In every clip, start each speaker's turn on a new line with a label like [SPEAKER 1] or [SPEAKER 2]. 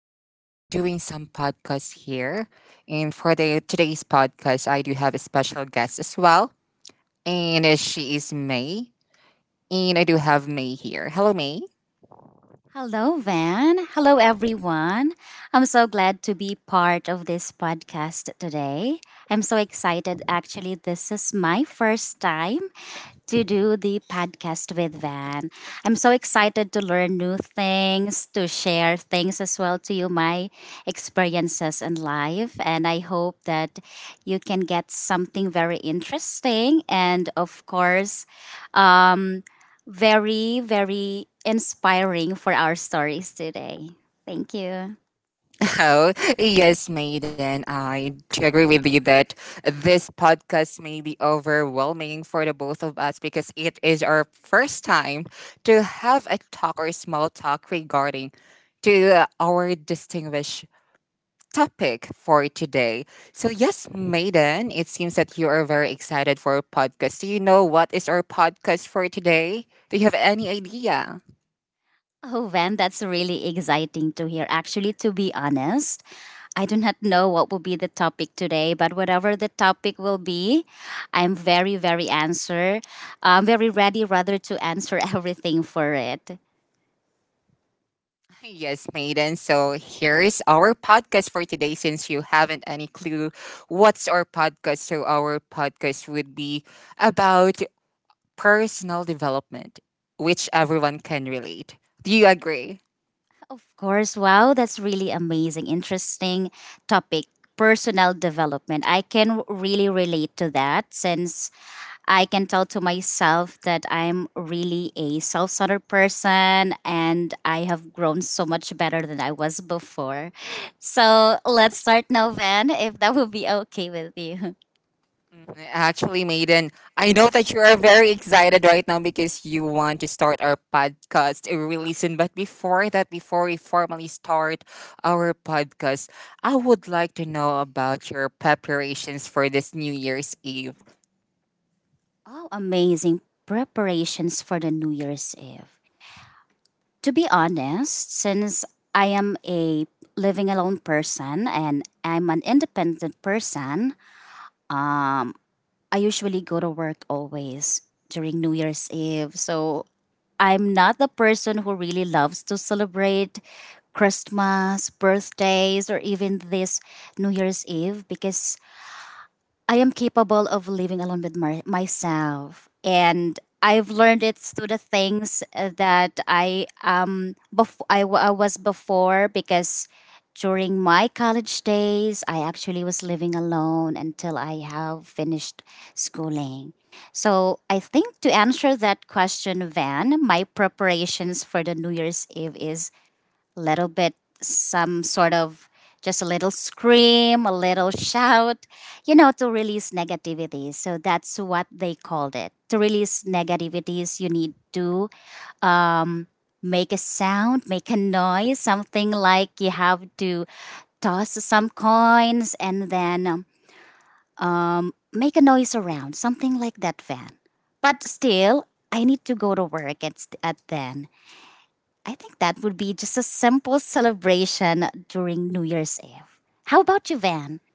[SPEAKER 1] I will be doing some podcasts here. And for the today's podcast, I do have a special guest as well. And she is May. And I do have May here. Hello, May.
[SPEAKER 2] Hello, Van. Hello, everyone. I'm so glad to be part of this podcast today. I'm so excited. Actually, this is my first time to do the podcast with Van. I'm so excited to learn new things, to share things as well to you, my experiences in life. And I hope that you can get something very interesting and, of course, um, very, very inspiring for our stories today. Thank you.
[SPEAKER 1] Oh, yes, May. Maiden. I do agree with you that this podcast may be overwhelming for the both of us because it is our first time to have a talk or small talk regarding to our distinguished topic for today. So, yes, Maiden, it seems that you are very excited for a podcast. Do you know what is our podcast for today? Do you have any idea?
[SPEAKER 2] Oh, Van, that's really exciting to hear. Actually, to be honest, I do not know what will be the topic today, but whatever the topic will be, I'm very, very answer. I'm very ready rather to answer everything for it.
[SPEAKER 1] Yes, Maiden. So, here is our podcast for today. Since you haven't any clue what's our podcast, so our podcast would be about personal development, which everyone can relate. Do you agree?
[SPEAKER 2] Of course, wow, that's really amazing, interesting topic. Personal development. I can really relate to that since I can tell to myself that I'm really a self centered person and I have grown so much better than I was before. So let's start now, Van, if that would be okay with you.
[SPEAKER 1] Actually, Maiden, I know that you are very excited right now because you want to start our podcast really soon. But before that, before we formally start our podcast, I would like to know about your preparations for this New Year's Eve.
[SPEAKER 2] Oh, amazing. Preparations for the New Year's Eve. To be honest, since I am a living alone person and I'm an independent person, um, I usually go to work always during New Year's Eve. So I'm not the person who really loves to celebrate Christmas, birthdays, or even this New Year's Eve because I am capable of living alone with myself. And I've learned it through the things that I was before because during my college days I actually was living alone until I have finished schooling. So I think to answer that question, Van, my preparations for the New Year's Eve is little bit some sort of just a little scream, a little shout, you know, to release negativity. So that's what they called it. To release negativities, you need to make a sound, make a noise, something like you have to toss some coins and then make a noise around, something like that, Van. But still, I need to go to work at then. I think that would be just a simple celebration during New Year's Eve. How about you, Van?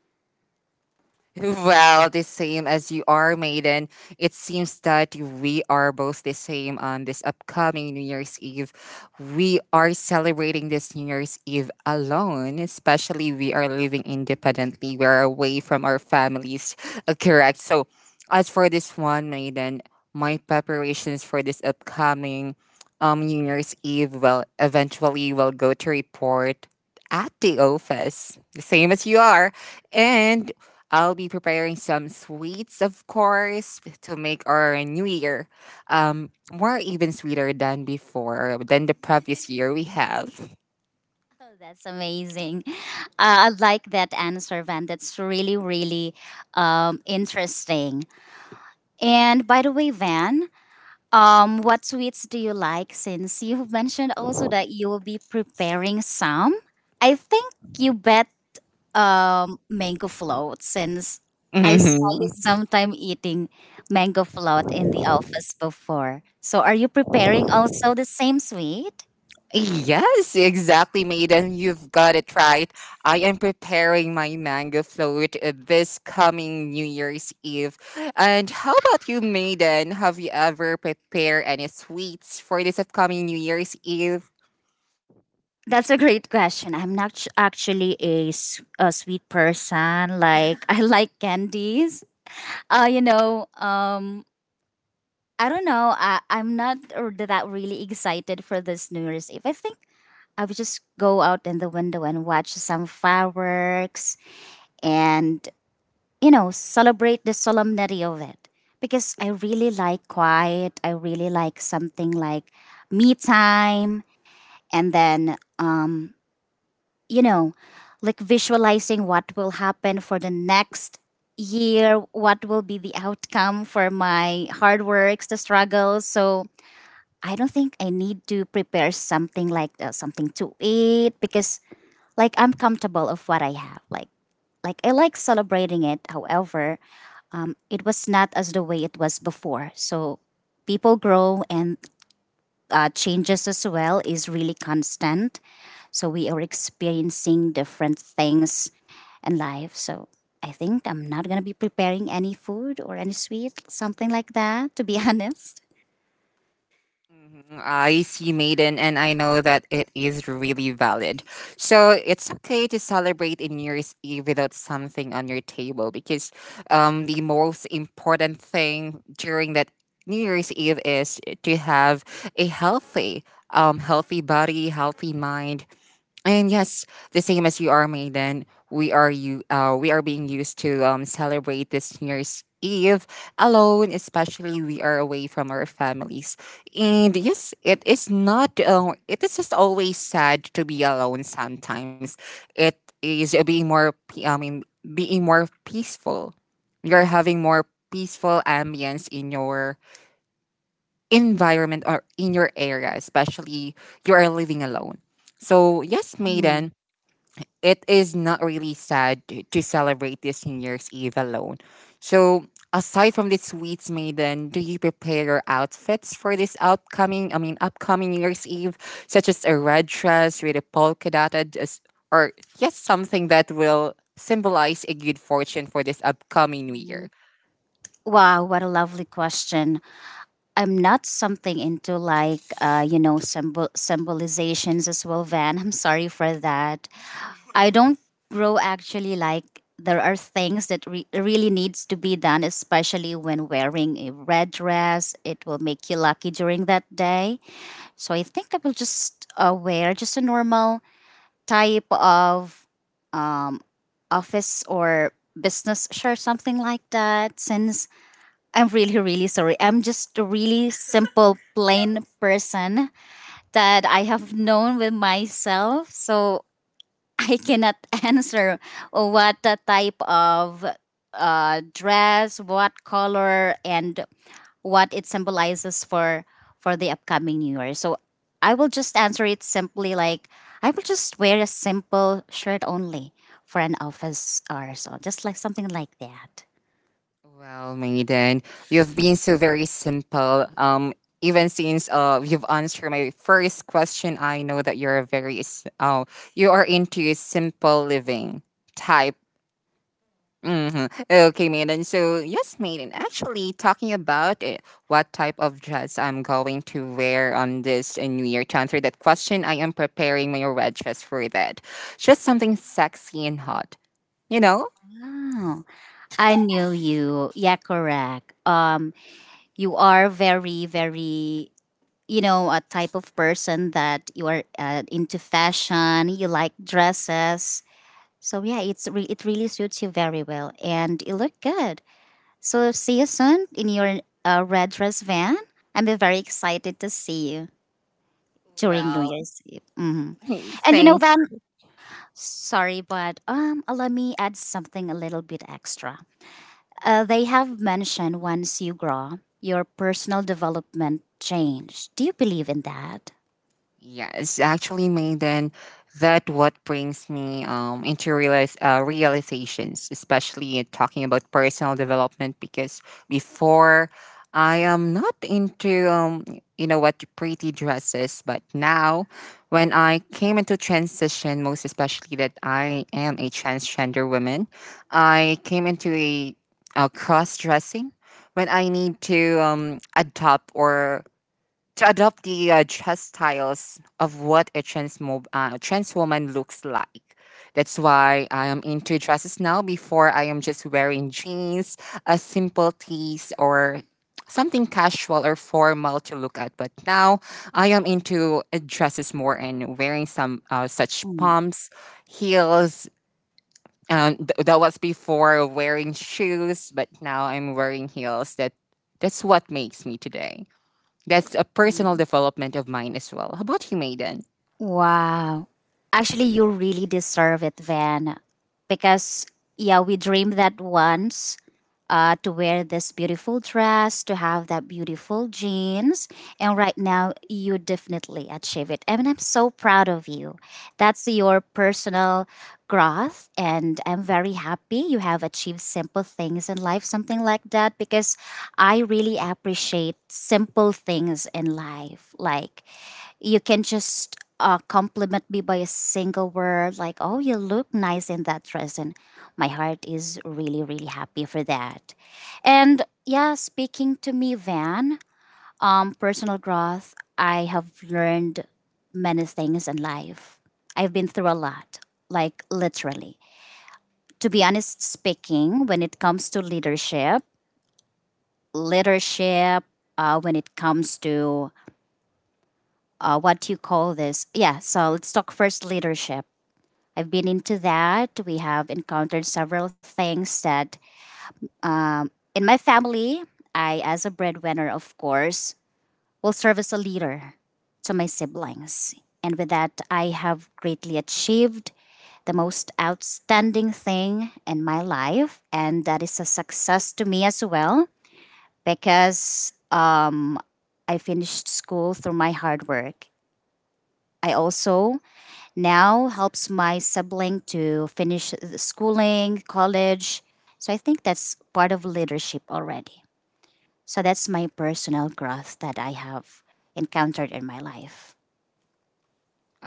[SPEAKER 1] Well, the same as you are, Maiden. It seems that we are both the same on this upcoming New Year's Eve. We are celebrating this New Year's Eve alone, especially we are living independently. We're away from our families. Correct. So, as for this one, Maiden, my preparations for this upcoming New Year's Eve will eventually will go to report at the office, the same as you are. And I'll be preparing some sweets, of course, to make our new year more even sweeter than before, than the previous year we have.
[SPEAKER 2] Oh, that's amazing. I like that answer, Van. That's really, really interesting. And by the way, Van, what sweets do you like? Since you have mentioned also that you will be preparing some, I think you bet mango float since I saw you
[SPEAKER 1] Mhm.
[SPEAKER 2] sometime eating mango float in the office before. So are you preparing also the same sweet?
[SPEAKER 1] Yes, exactly, Maiden. You've got it right. I am preparing my mango float this coming New Year's Eve. And how about you, Maiden? Have you ever prepared any sweets for this upcoming New Year's Eve?
[SPEAKER 2] That's a great question. I'm not ch- Actually a sweet person. Like I like candies. Uh, you know, um, I don't know. I'm not r- that really excited for this New Year's Eve. I think I would just go out in the window and watch some fireworks and, you know, celebrate the solemnity of it. Because I really like quiet. I really like something like me time. And then, you know, like visualizing what will happen for the next year, what will be the outcome for my hard works, the struggles. So, I don't think I need to prepare something like something to eat because like I'm comfortable of what I have. Like I like celebrating it. However, it was not as the way it was before. So people grow and changes as well is really constant. So we are experiencing different things in life. So I think I'm not gonna be preparing any food or any sweet, something like that. To be honest.
[SPEAKER 1] Mhm, I see Maiden, and I know that it is really valid. So it's okay to celebrate in New Year's Eve without something on your table because the most important thing during that New Year's Eve is to have a healthy, healthy body, healthy mind, and yes, the same as you are, Maiden, we are you. We are being used to celebrate this New Year's Eve alone, especially we are away from our families. And yes, it is not. It is just always sad to be alone. Sometimes it is being I mean, being more peaceful. You're having more peaceful ambience in your environment or in your area, especially you are living alone. So yes,
[SPEAKER 2] Mm.
[SPEAKER 1] Maiden, it is not really sad to, celebrate this New Year's Eve alone. So, aside from the sweets, Maiden, do you prepare your outfits for this upcoming, I mean, upcoming New Year's Eve, such as a red dress with a polka dotted, dress, or yes, something that will symbolize a good fortune for this upcoming New
[SPEAKER 2] Mhm.
[SPEAKER 1] Year?
[SPEAKER 2] Wow, what a lovely question. I'm not something into like you know symbol symbolizations as well, Van. I'm sorry for that. I don't grow actually like there are things that really needs to be done, especially when wearing a red dress. It will make you lucky during that day. So I think I will just wear just a normal type of office or business shirt, something like that. Since I'm really, really sorry, I'm just a really simple, plain person that I have known with myself. So I cannot answer what the type of dress, what color, and what it symbolizes for the upcoming New Year. So I will just answer it simply like I will just wear a simple shirt only for an office or so, just like something like that.
[SPEAKER 1] Well, Maiden, you've been so very simple. Even since you've answered my first question, I know that you're a you are into simple living type. Okay, Maiden. So yes, Maiden. Actually, talking about it, what type of dress I'm going to wear on this New Year, to answer that question, I am preparing my red dress for that. Just something sexy and hot, you know.
[SPEAKER 2] Oh, I knew you. Yeah, correct. You are very, very you know a type of person that you are into fashion, you like dresses, so yeah it really suits you very well and you look good, so see you soon in your red dress, Van. I'm very excited to see you during new Wow.
[SPEAKER 1] Well,
[SPEAKER 2] year's eve. Hmm. And you know,
[SPEAKER 1] thank—
[SPEAKER 2] Van, sorry, but let me add something a little bit extra. They have mentioned once you grow your personal development change. Do you believe in that?
[SPEAKER 1] Yes, actually, Maiden, that what brings me into realize realizations, especially in talking about personal development. Because before, I am not into you know what pretty dresses, but now, when I came into transition, most especially that I am a transgender woman, I came into a cross dressing when I need to adopt or to adopt the chest styles of what a trans woman looks like. That's why I am into dresses now. Before, I am just wearing jeans, a simple tees, or something casual or formal to look at. But now, I am into dresses more and wearing some such
[SPEAKER 2] Mm.
[SPEAKER 1] pumps, heels. That was before wearing shoes, but now I'm wearing heels. That's what makes me today. That's a personal development of mine as well. How about you, Maiden?
[SPEAKER 2] Wow. Actually, you really deserve it, Van. Because, yeah, we dream that once to wear this beautiful dress, to have that beautiful jeans. And right now, you definitely achieve it. I mean, I'm so proud of you. That's your personal growth. And I'm very happy you have achieved simple things in life, something like that, because I really appreciate simple things in life. Like, you can just compliment me by a single word like, oh, you look nice in that dress, and my heart is really really happy for that. And yeah, speaking to me, Van, personal growth, I have learned many things in life. I've been through a lot, like literally. To be honest speaking, when it comes to leadership, when it comes to what you call this, yeah, so let's talk first leadership. I've been into that. We have encountered several things that um, in my family, I, as a breadwinner, of course, will serve as a leader to my siblings. And with that, I have greatly achieved the most outstanding thing in my life. And that is a success to me as well because I finished school through my hard work. I also now helps my sibling to finish schooling, college. So I think that's part of leadership already. So that's my personal growth that I have encountered in my life.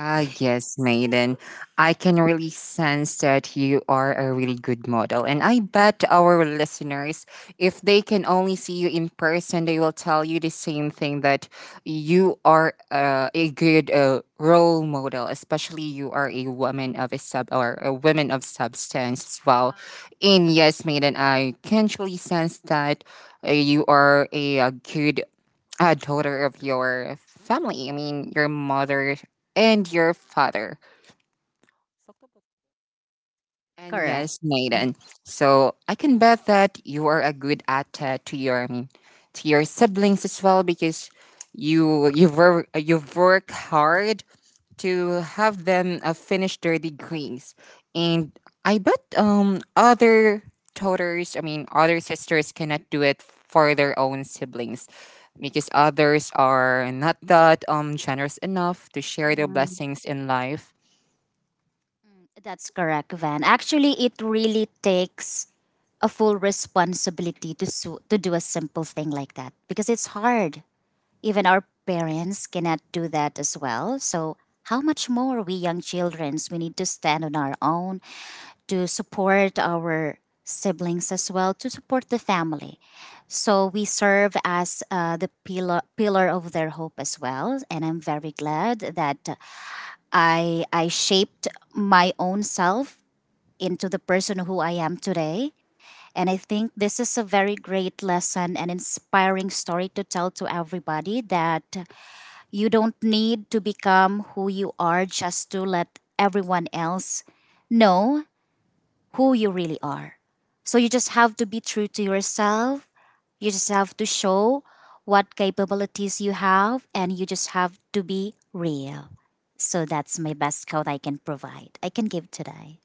[SPEAKER 1] Ah, yes, Maiden. I can really sense that you are a really good model. And I bet our listeners, if they can only see you in person, they will tell you the same thing that you are a good role model, especially you are a woman of a sub, or a woman of substance as well. And yes, Maiden, I can truly sense that you are a good a daughter of your family. I mean, your mother and your father. And yes,
[SPEAKER 2] Correct.
[SPEAKER 1] Nathan. So I can bet that you are a good at to your, I mean, to your siblings as well because you've worked hard to have them finish their degrees. And I bet other daughters, I mean other sisters, cannot do it for their own siblings because others are not that generous enough to share their
[SPEAKER 2] Mm,
[SPEAKER 1] blessings in life.
[SPEAKER 2] That's correct, Van. Actually, it really takes a full responsibility to do a simple thing like that because it's hard. Even our parents cannot do that as well. So, how much more we young childrens, we need to stand on our own to support our siblings as well, to support the family. So we serve as the pillar of their hope as well, and I'm very glad that I shaped my own self into the person who I am today. And I think this is a very great lesson and inspiring story to tell to everybody that you don't need to become who you are just to let everyone else know who you really are. So you just have to be true to yourself. You just have to show what capabilities you have and you just have to be real. So that's my best quote I can provide. I can give today.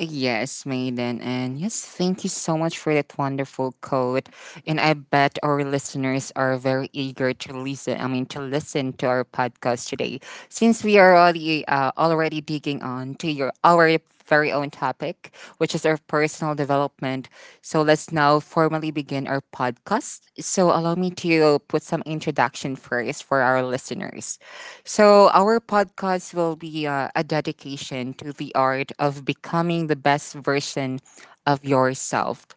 [SPEAKER 1] Yes, Maiden, and yes, thank you so much for that wonderful quote. And I bet our listeners are very eager to listen. I mean, to listen to our podcast today, since we are already already digging on to your, our very own topic, which is our personal development. So let's now formally begin our podcast. So allow me to put some introduction first for our listeners. So, our podcast will be a dedication to the art of becoming the best version of yourself.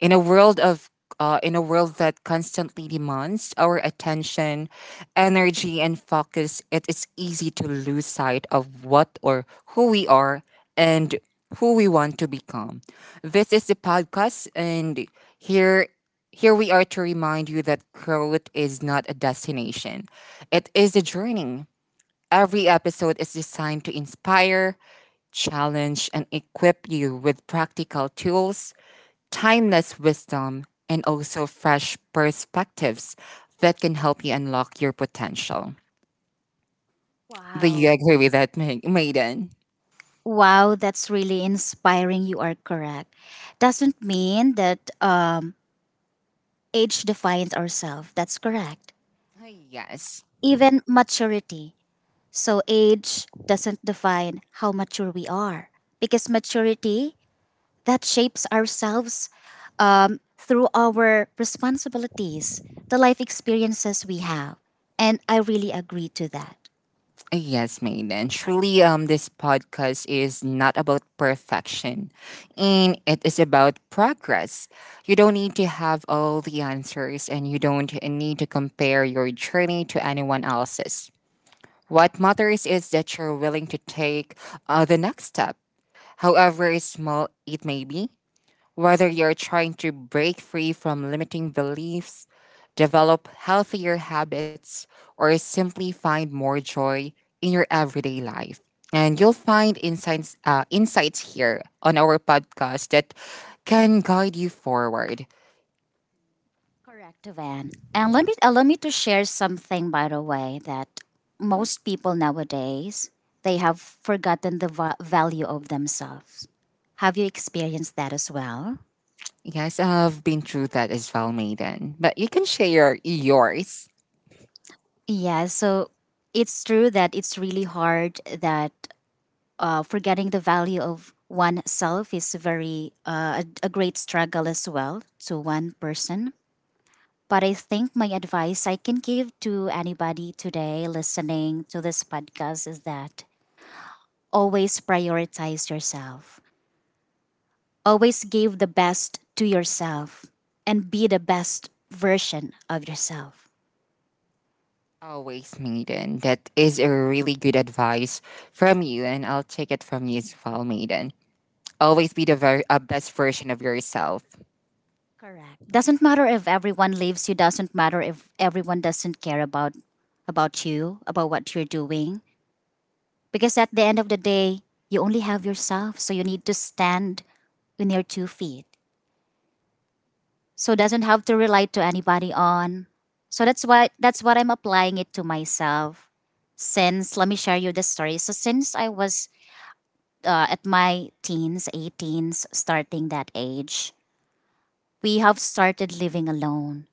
[SPEAKER 1] In a world of in a world that constantly demands our attention, energy, and focus, it is easy to lose sight of what or who we are and who we want to become. This is the podcast, and here here we are to remind you that growth is not a destination. It is a journey. Every episode is designed to inspire, challenge, and equip you with practical tools, timeless wisdom, and also fresh perspectives that can help you unlock your potential. Do
[SPEAKER 2] Wow.
[SPEAKER 1] you agree with that, Maiden?
[SPEAKER 2] Wow, that's really inspiring. You are correct. Doesn't mean that age defines ourselves. That's correct.
[SPEAKER 1] Yes.
[SPEAKER 2] Even maturity. So age doesn't define how mature we are because maturity that shapes ourselves through our responsibilities, the life experiences we have, and I really agree to that.
[SPEAKER 1] Yes, Maiden. Truly, this podcast is not about perfection, and it is about progress. You don't need to have all the answers, and you don't need to compare your journey to anyone else's. What matters is that you're willing to take the next step, however small it may be. Whether you're trying to break free from limiting beliefs, develop healthier habits, or simply find more joy in your everyday life. And you'll find insights here on our podcast that can guide you forward.
[SPEAKER 2] Correct, Van. And let me allow me to share something, by the way, that most people nowadays they have forgotten the value of themselves. Have you experienced that as well?
[SPEAKER 1] Yes, I've been through that as well, Maiden. But you can share yours.
[SPEAKER 2] Yeah, so it's true that it's really hard that forgetting the value of oneself is very a great struggle as well to one person. But I think my advice I can give to anybody today listening to this podcast is that always prioritize yourself. Always give the best to yourself and be the best version of yourself.
[SPEAKER 1] Always, Maiden. That is a really good advice from you, and I'll take it from you as well, Maiden. Always be the very best version of yourself.
[SPEAKER 2] Correct. Doesn't matter if everyone leaves you, doesn't matter if everyone doesn't care about you, about what you're doing. Because at the end of the day, you only have yourself, so you need to stand on your 2 feet. So doesn't have to relate to anybody on. So that's why that's what I'm applying it to myself. Since let me share you the story. So since I was at my teens, 18s, starting that age, we have started living alone.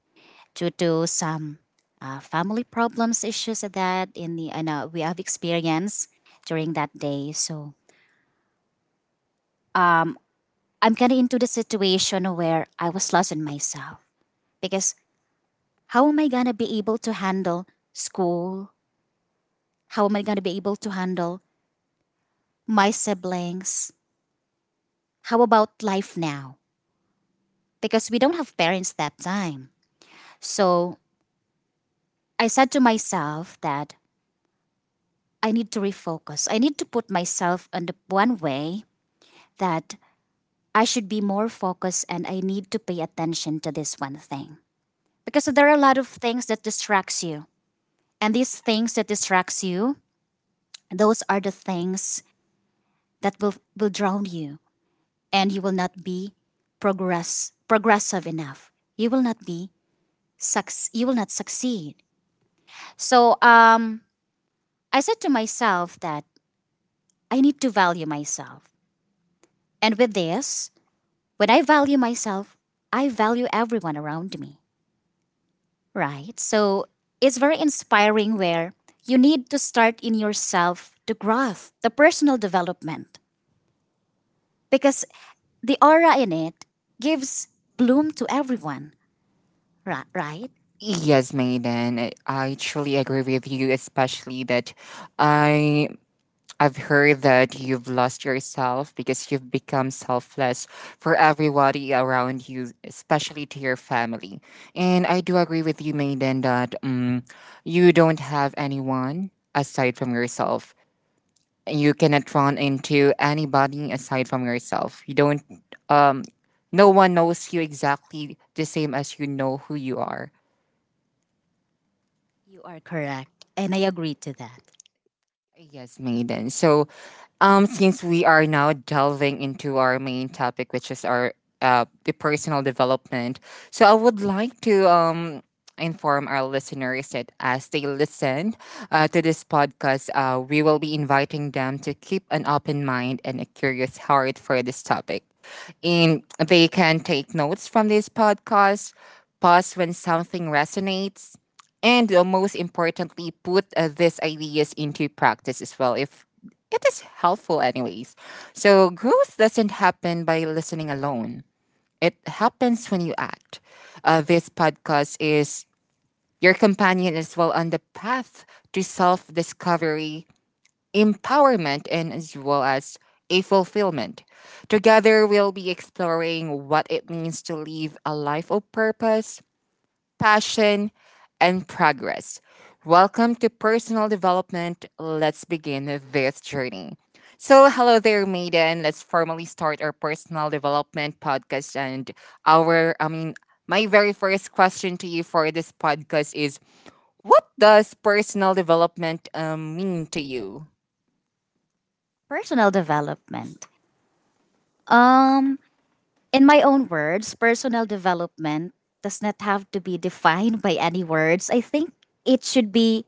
[SPEAKER 2] Due to do some family problems issues that in the I know we have experienced during that day. So um, I'm kind of into the situation where I was lost in myself because how am I gonna be able to handle school? How am I gonna be able to handle my siblings? How about life now? Because we don't have parents that time. So I said to myself that I need to refocus. I need to put myself on the one way that I should be more focused and I need to pay attention to this one thing. Because there are a lot of things that distracts you. And these things that distracts you, those are the things that will drown you and you will not be progressive enough. You will not be you will not succeed. So I said to myself that I need to value myself. And with this, when I value myself, I value everyone around me. Right. So it's very inspiring where you need to start in yourself the growth, the personal development, because the aura in it gives bloom to everyone. Right, right?
[SPEAKER 1] Yes, Maiden, I truly agree with you, especially that I I've heard that you've lost yourself because you've become selfless for everybody around you, especially to your family. And I do agree with you, Maiden, that you don't have anyone aside from yourself. You cannot run into anybody aside from yourself. You don't um no one knows you exactly the same as you know who you are.
[SPEAKER 2] You are correct. And I agree to that.
[SPEAKER 1] Yes, Maiden. So, since we are now delving into our main topic, which is our the personal development, so I would like to inform our listeners that as they listen to this podcast, we will be inviting them to keep an open mind and a curious heart for this topic. And they can take notes from this podcast, pause when something resonates, and most importantly put these ideas into practice as well if it is helpful anyways. So growth doesn't happen by listening alone, it happens when you act. This podcast is your companion as well on the path to self-discovery, empowerment, and as well as a fulfillment. Together we'll be exploring what it means to live a life of purpose, passion, and progress. Welcome to Personal Development. Let's begin this journey. So, hello there, Maiden. Let's formally start our personal development podcast. And our, I mean, my very first question to you for this podcast is: what does personal development mean to you?
[SPEAKER 2] Personal development. Um, in my own words, personal development does not have to be defined by any words. I think it should be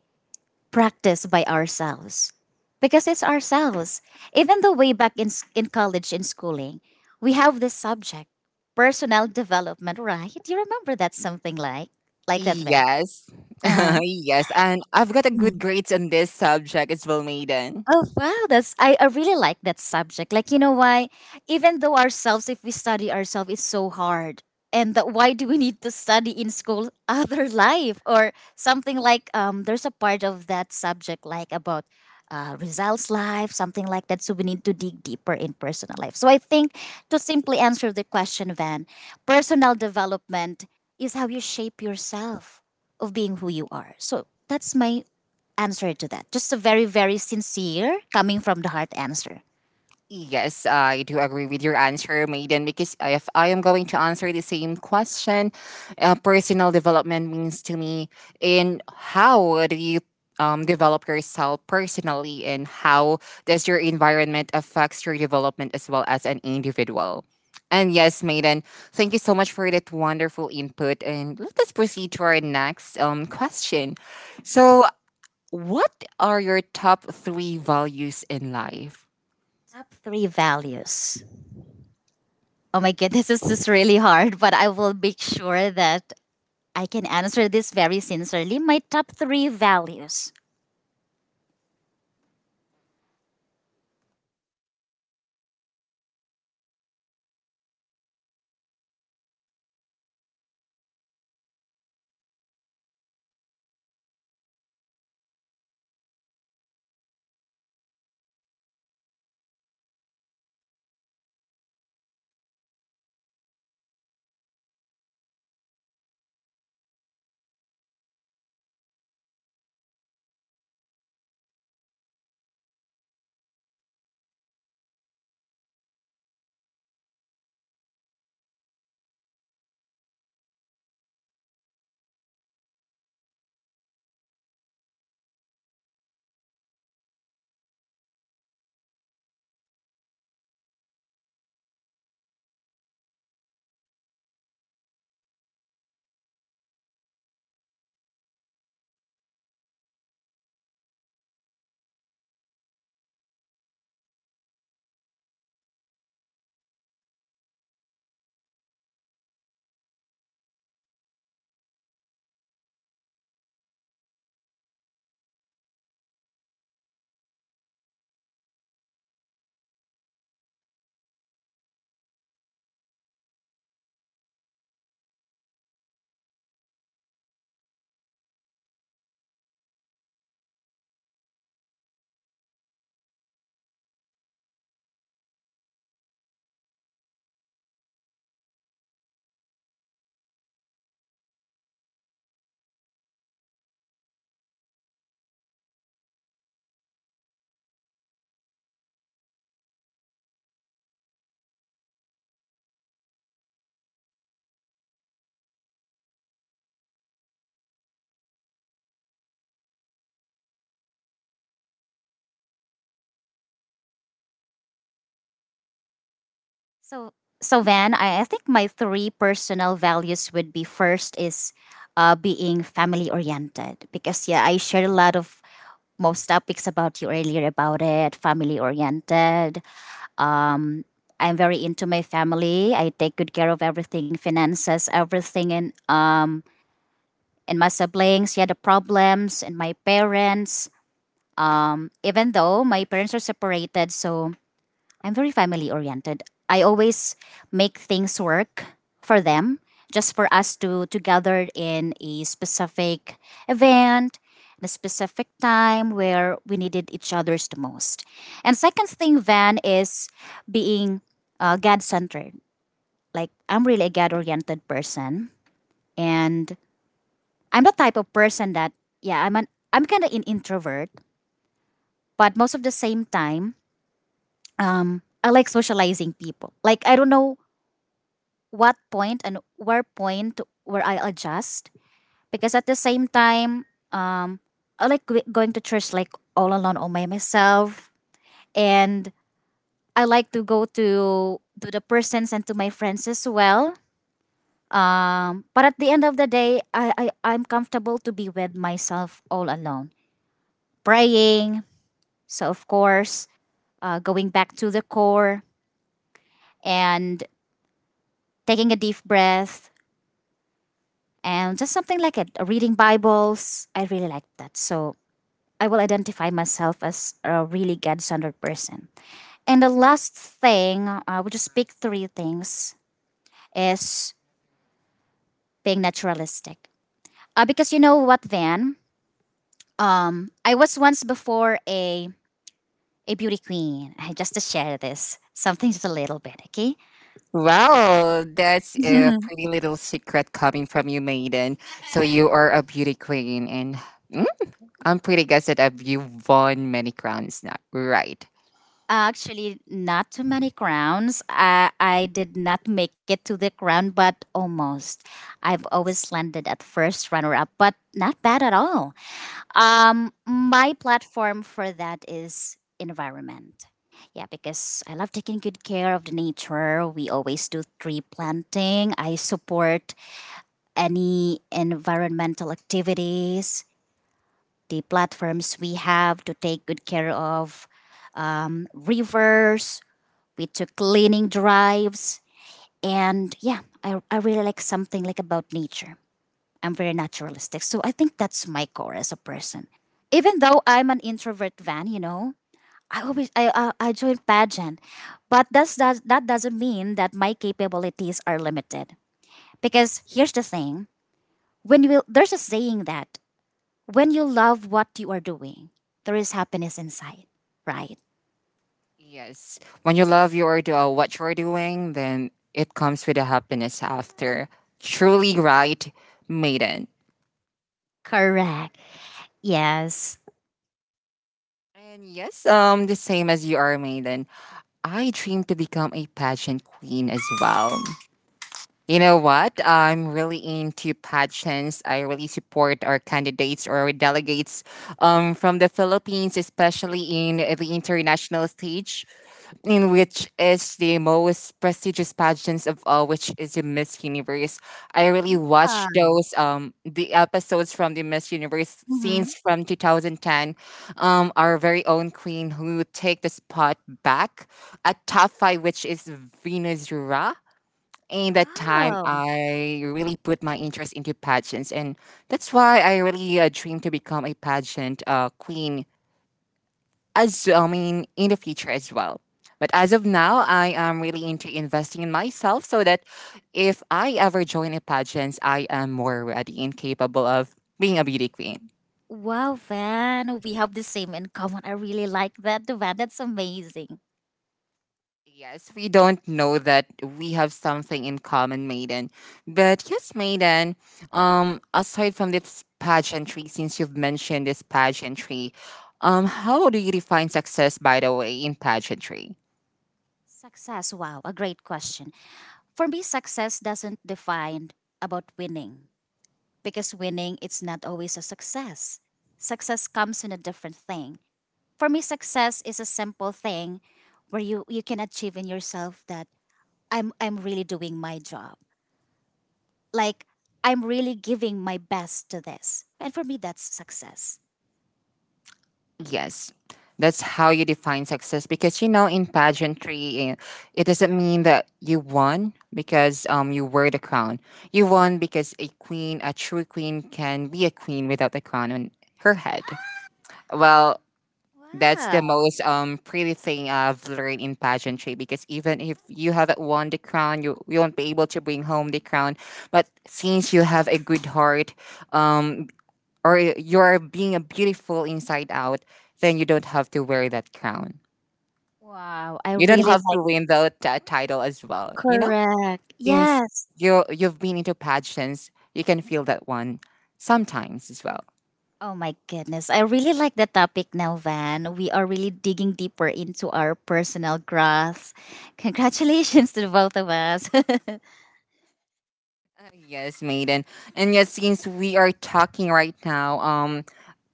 [SPEAKER 2] practice by ourselves because it's ourselves. Even though way back in, in college, in schooling, we have this subject, personal development, right? You remember that something like that there.
[SPEAKER 1] Yes.
[SPEAKER 2] Uh,
[SPEAKER 1] Yes. And I've got a good grades on this subject as well, Maiden.
[SPEAKER 2] Oh wow, that's I really like that subject. Like you know why? Even though ourselves, if we study ourselves, it's so hard. And that why do we need to study in school other life or something like there's a part of that subject like about results life, something like that. So we need to dig deeper in personal life. So I think to simply answer the question, Van, personal development is how you shape yourself of being who you are. So that's my answer to that. Just a very, very sincere, coming from the heart answer.
[SPEAKER 1] Yes, I do agree with your answer, Maiden, because if I am going to answer the same question, personal development means to me in how do you develop yourself personally and how does your environment affects your development as well as an individual. And yes, Maiden, thank you so much for that wonderful input. And let us proceed to our next question. So, what are your top three values in life?
[SPEAKER 2] Top three values. Oh my god, this is just really hard, but I will make sure that I can answer this very sincerely. My top three values. So, so Van, I think my three personal values would be first is being family oriented because yeah, I shared a lot of most topics about you earlier about it, family oriented, um I'm very into my family. I take good care of everything, finances, everything, and my siblings, yeah, the problems and my parents, even though my parents are separated. So I'm very family oriented. I always make things work for them, just for us to gather in a specific event, the specific time where we needed each other's the most. And second thing, Van, is being God centered. Like I'm really a God oriented person. And I'm the type of person that yeah, I'm kinda an introvert, but most of the same time, I like socializing people. Like I don't know what point and where point where I adjust, because at the same time I like going to church like all alone, all by myself. And I like to go to the persons and to my friends as well. But at the end of the day, I'm comfortable to be with myself all alone. Praying, so of course, going back to the core and taking a deep breath and just something like it. Reading Bibles, I really like that. So I will identify myself as a really God centered person. And the last thing, I will just pick three things, is being naturalistic. Because you know what, Van? I was once before a beauty queen. I just to share this something just a little bit, okay?
[SPEAKER 1] Wow, that's a pretty little secret coming from you, Maiden. So you are a beauty queen, and mm, I'm pretty guessed that you've won many crowns now. Right.
[SPEAKER 2] Actually, not too many crowns. I did not make it to the crown, but almost. I've always landed at first runner up, but not bad at all. My platform for that is environment. Yeah, because I love taking good care of the nature. We always do tree planting. I support any environmental activities, the platforms we have to take good care of, rivers. We took cleaning drives. And yeah, I really like something like about nature. I'm very naturalistic. So I think that's my core as a person. Even though I'm an introvert, Van, you know, I always I joined pageant. But does that doesn't mean that my capabilities are limited. Because here's the thing. There's a saying that when you love what you are doing, there is happiness inside, right?
[SPEAKER 1] Yes. When you love your what you're doing, then it comes with a happiness after. Truly right, Maiden.
[SPEAKER 2] Correct. Yes.
[SPEAKER 1] And yes, the same as you are, Maiden. I dream to become a pageant queen as well. You know what? I'm really into pageants. I really support our candidates or our delegates from the Philippines, especially in the international stage, in which is the most prestigious pageants of all, which is the Miss Universe. I really watched
[SPEAKER 2] Ah.
[SPEAKER 1] those the episodes from the Miss Universe
[SPEAKER 2] Mm-hmm.
[SPEAKER 1] scenes from 2010. Our very own queen who take the spot back at top five, which is Venus Ra in that time
[SPEAKER 2] Oh,
[SPEAKER 1] I really put my interest into pageants, and that's why I really dream to become a pageant queen. As I mean, in the future as well. But as of now, I am really into investing in myself so that if I ever join a pageant, I am more ready and capable of being a beauty queen.
[SPEAKER 2] wow, Van. We have the same in common. I really like that, Van. That's amazing.
[SPEAKER 1] Yes, we don't know that we have something in common, Maiden. But yes, Maiden, aside from this pageantry, since you've mentioned this pageantry, how do you define success, by the way, in pageantry?
[SPEAKER 2] Success. Wow, a great question. For me, success doesn't define about winning, because winning it's not always a success. Success comes in a different thing. For me, success is a simple thing where you can achieve in yourself that I'm really doing my job. Like I'm really giving my best to this. And for me that's success.
[SPEAKER 1] Yes, that's how you define success because you know, in pageantry, eh, it doesn't mean that you won because you wear the crown. You won because a queen, a true queen, can be a queen without the crown on her head. Well, that's the
[SPEAKER 2] Wow.
[SPEAKER 1] most pretty thing I've learned in pageantry because even if you haven't won the crown, you won't be able to bring home the crown. But since you have a good heart, um, or you're being a beautiful inside out, then you don't have to wear that crown.
[SPEAKER 2] Wow, I
[SPEAKER 1] You don't
[SPEAKER 2] really
[SPEAKER 1] have
[SPEAKER 2] like
[SPEAKER 1] to win the title as well. You know,
[SPEAKER 2] correct.
[SPEAKER 1] since
[SPEAKER 2] Yes.
[SPEAKER 1] you've been into pageants, you can feel that one sometimes as well.
[SPEAKER 2] Oh my goodness. I really like the topic now, Van. We are really digging deeper into our personal growth. Congratulations to the both of us. To
[SPEAKER 1] Yes, maiden. And yes, since we are talking right now,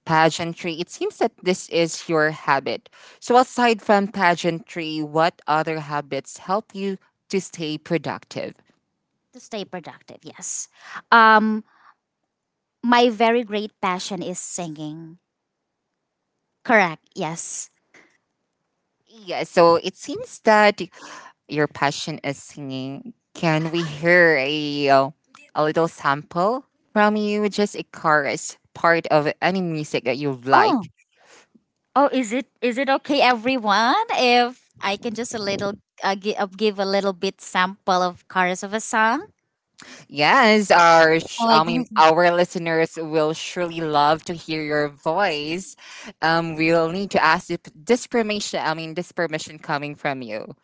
[SPEAKER 1] pageantry, it seems that this is your habit. So, aside from pageantry, what other habits help you to stay productive?
[SPEAKER 2] stay productive, yes. Um my very great passion is singing. Correct. Yes.
[SPEAKER 1] Yeah, so it seems that your passion is singing. Can we hear a little sample from you? Just a chorus part of any music that you
[SPEAKER 2] Oh,
[SPEAKER 1] like.
[SPEAKER 2] Oh, is it okay, everyone? If I can just a little give a little bit sample of chorus of a song.
[SPEAKER 1] Yes, our
[SPEAKER 2] Oh my
[SPEAKER 1] I mean
[SPEAKER 2] goodness.
[SPEAKER 1] our listeners will surely love to hear your voice. We'll need to ask if this permission. I mean this permission coming from you.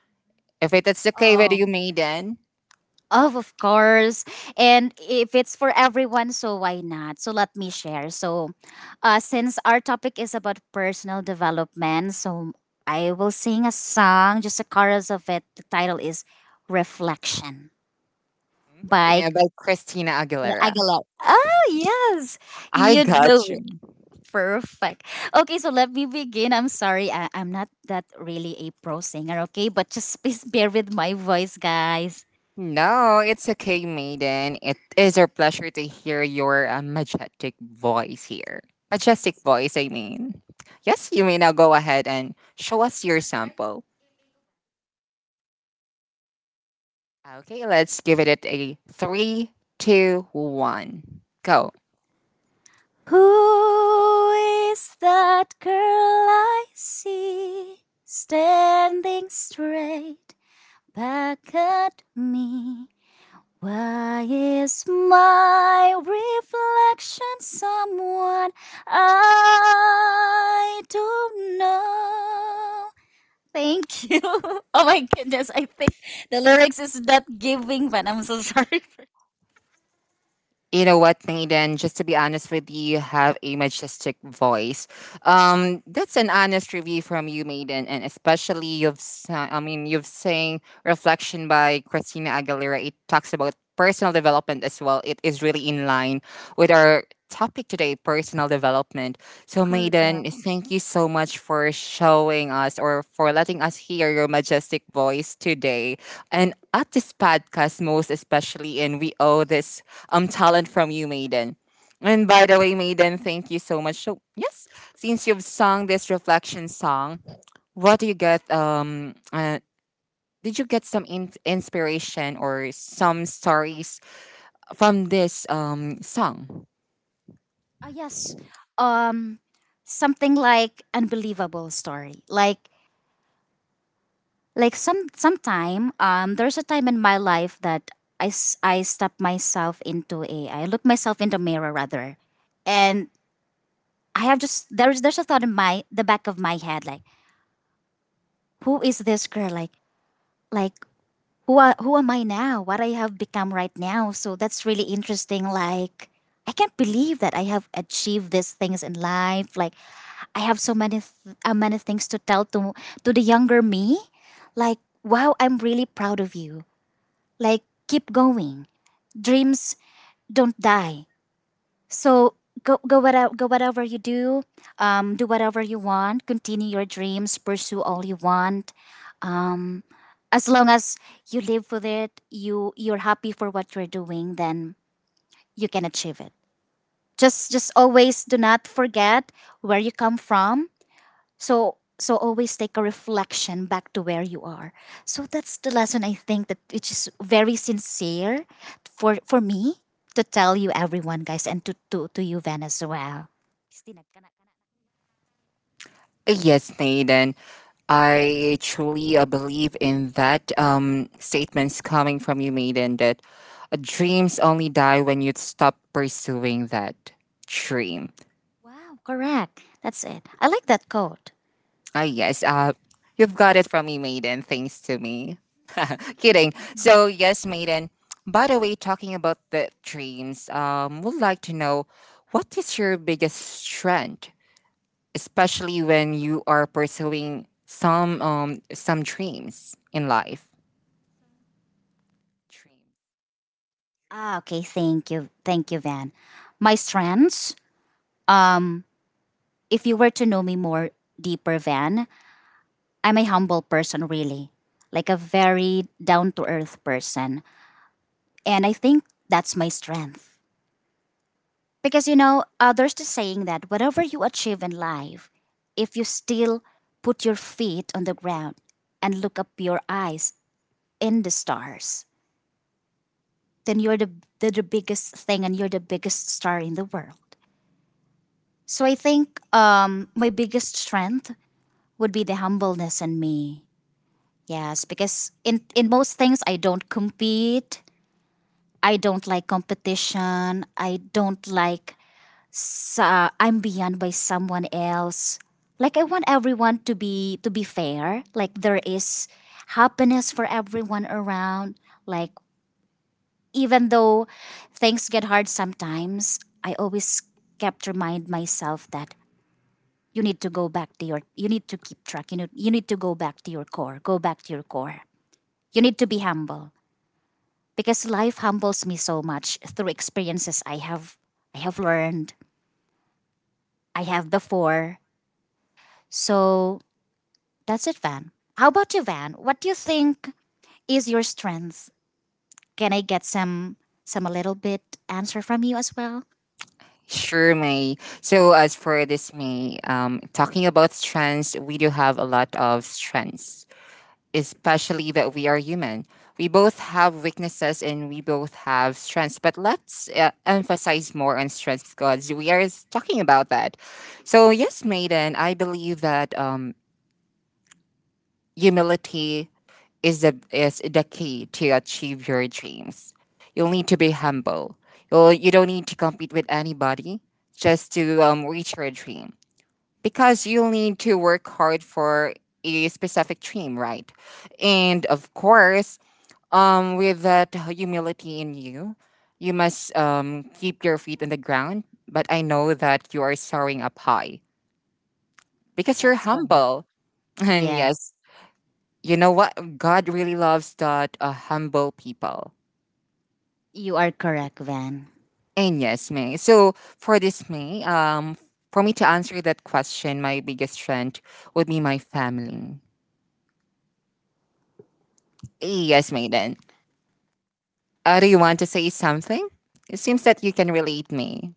[SPEAKER 1] If it is okay with
[SPEAKER 2] Oh,
[SPEAKER 1] you, Maiden.
[SPEAKER 2] of course. And if it's for everyone, so why not? So let me share. So, since our topic is about personal development, so I will sing a song, just a chorus of it. The title is "Reflection"
[SPEAKER 1] Mhm.
[SPEAKER 2] by
[SPEAKER 1] Yeah, by Christina Aguilera.
[SPEAKER 2] Aguilera. Oh yes,
[SPEAKER 1] I
[SPEAKER 2] you do
[SPEAKER 1] got you.
[SPEAKER 2] Perfect. Okay, so let me begin. I'm sorry, I'm not that really a pro singer, okay? But just please bear with my voice, guys.
[SPEAKER 1] No, it's okay, Maiden. It is our pleasure to hear your majestic voice here. Majestic voice, I mean. Yes, you may now go ahead and show us your sample. Okay, let's give it a three, two, one. Go.
[SPEAKER 2] Who is that girl I see standing straight back at me? Why is my reflection someone I don't know? Thank you. Oh my goodness, I think the lyrics is not giving, but I'm so sorry for
[SPEAKER 1] You know what, Maiden, just to be honest with you, you have a majestic voice. That's an honest review from you, Maiden, and especially you've I mean you've sang Reflection by Christina Aguilera. It talks about personal development as well. It is really in line with our topic today, personal development. So
[SPEAKER 2] correct.
[SPEAKER 1] Maiden, thank you so much for showing us or for letting us hear your majestic voice today. And at this podcast most especially and we owe this talent from you, Maiden. And by the way, Maiden, thank you so much. So yes, since you've sung this reflection song, what do you get? Did you get some inspiration or some stories from this song?
[SPEAKER 2] Ah yes. Um Something like unbelievable story. Like some sometime there's a time in my life that I stopped myself into a I look myself in the mirror rather. And I have just there's a thought in my the back of my head like who is this girl, like who am I now? What I have become right now. So that's really interesting. Like I can't believe that I have achieved these things in life. Like I have so many many things to tell to the younger me. Like wow, I'm really proud of you. Like keep going. Dreams don't die. So go whatever you do. Do whatever you want. Continue your dreams. Pursue all you want. As long as you live for it, you're happy for what you're doing, then you can achieve it. Just always do not forget where you come from. So so always take a reflection back to where you are. So that's the lesson I think that which is very sincere for me to tell you everyone guys and to to you Van as well. Christina, kana- kana-
[SPEAKER 1] Yes, Maiden. I truly believe in that statements coming from you, Maiden, that dreams only die when you stop pursuing that dream.
[SPEAKER 2] Wow, correct. That's it. I like that quote.
[SPEAKER 1] Ah, yes. You've got it from me, Maiden. Thanks to me. Kidding. So, yes, Maiden. By the way, talking about the dreams, would like to know what is your biggest strength, especially when you are pursuing some dreams in life.
[SPEAKER 2] Ah, okay. Thank you. Thank you, Van. My strengths Um, if you were to know me more deeper, Van, I'm a humble person, really, like a very down to earth person. And I think that's my strength. Because, you know, there's the saying that whatever you achieve in life, if you still put your feet on the ground and look up your eyes in the stars, then the biggest thing and you're the biggest star in the world. So I think my biggest strength would be the humbleness in me. Yes, because in most things I don't compete. I don't like competition. I don't like I'm beyond by someone else. Like I want everyone to be fair. Like there is happiness for everyone around. Like even though things get hard sometimes, I always kept remind myself that you need to go back to your you need to keep track. You need to go back to your core. Go back to your core. You need to be humble because life humbles me so much through experiences I have learned, I have before. So that's it, Van. How about you, Van? What do you think is your strength? Can I get some a little bit answer from you as well?
[SPEAKER 1] Sure, May. So as for this, May, talking about strengths, we do have a lot of strengths, especially that we are human. We both have weaknesses and we both have strengths, but let's emphasize more on strengths because we are talking about that. So, yes, Maiden, I believe that humility is the key to achieve your dreams. You'll need to be humble. You don't need to compete with anybody just to reach your dream because you'll need to work hard for a specific dream, right? And of course, with that humility in you, you must keep your feet on the ground. But I know that you are soaring up high because you're
[SPEAKER 2] That's correct.
[SPEAKER 1] humble. And yes,
[SPEAKER 2] Yes,
[SPEAKER 1] you know what? God really loves that humble people.
[SPEAKER 2] you are correct, Van.
[SPEAKER 1] And yes, May. So for this May, for me to answer that question, my biggest strength would be my family. Yes, Maiden. Do you want to say something? It seems that you can relate me.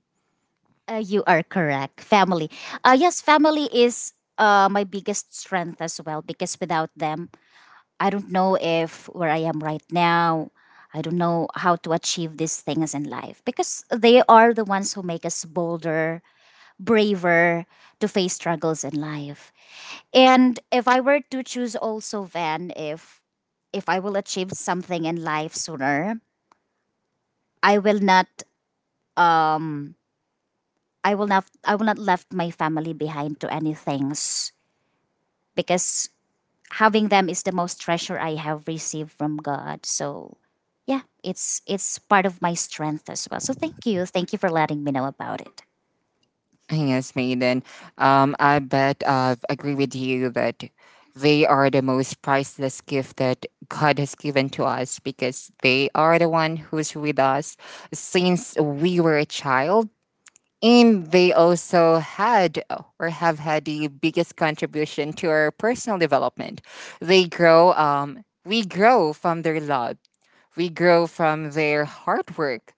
[SPEAKER 2] You are correct. Family. Yes, family is my biggest strength as well because without them, I don't know if where I am right now, I don't know how to achieve these things in life because they are the ones who make us bolder, braver to face struggles in life. And if I were to choose also Van, if I will achieve something in life sooner, I will not um I will not left my family behind to any things because having them is the most treasure I have received from God. So yeah, it's part of my strength as well. So thank you. Thank you for letting me know about it.
[SPEAKER 1] Yes, Maiden. I bet I agree with you that they are the most priceless gift that God has given to us because they are the one who's with us since we were a child. And they also had or have had the biggest contribution to our personal development. They grow, we grow from their love, we grow from their hard work,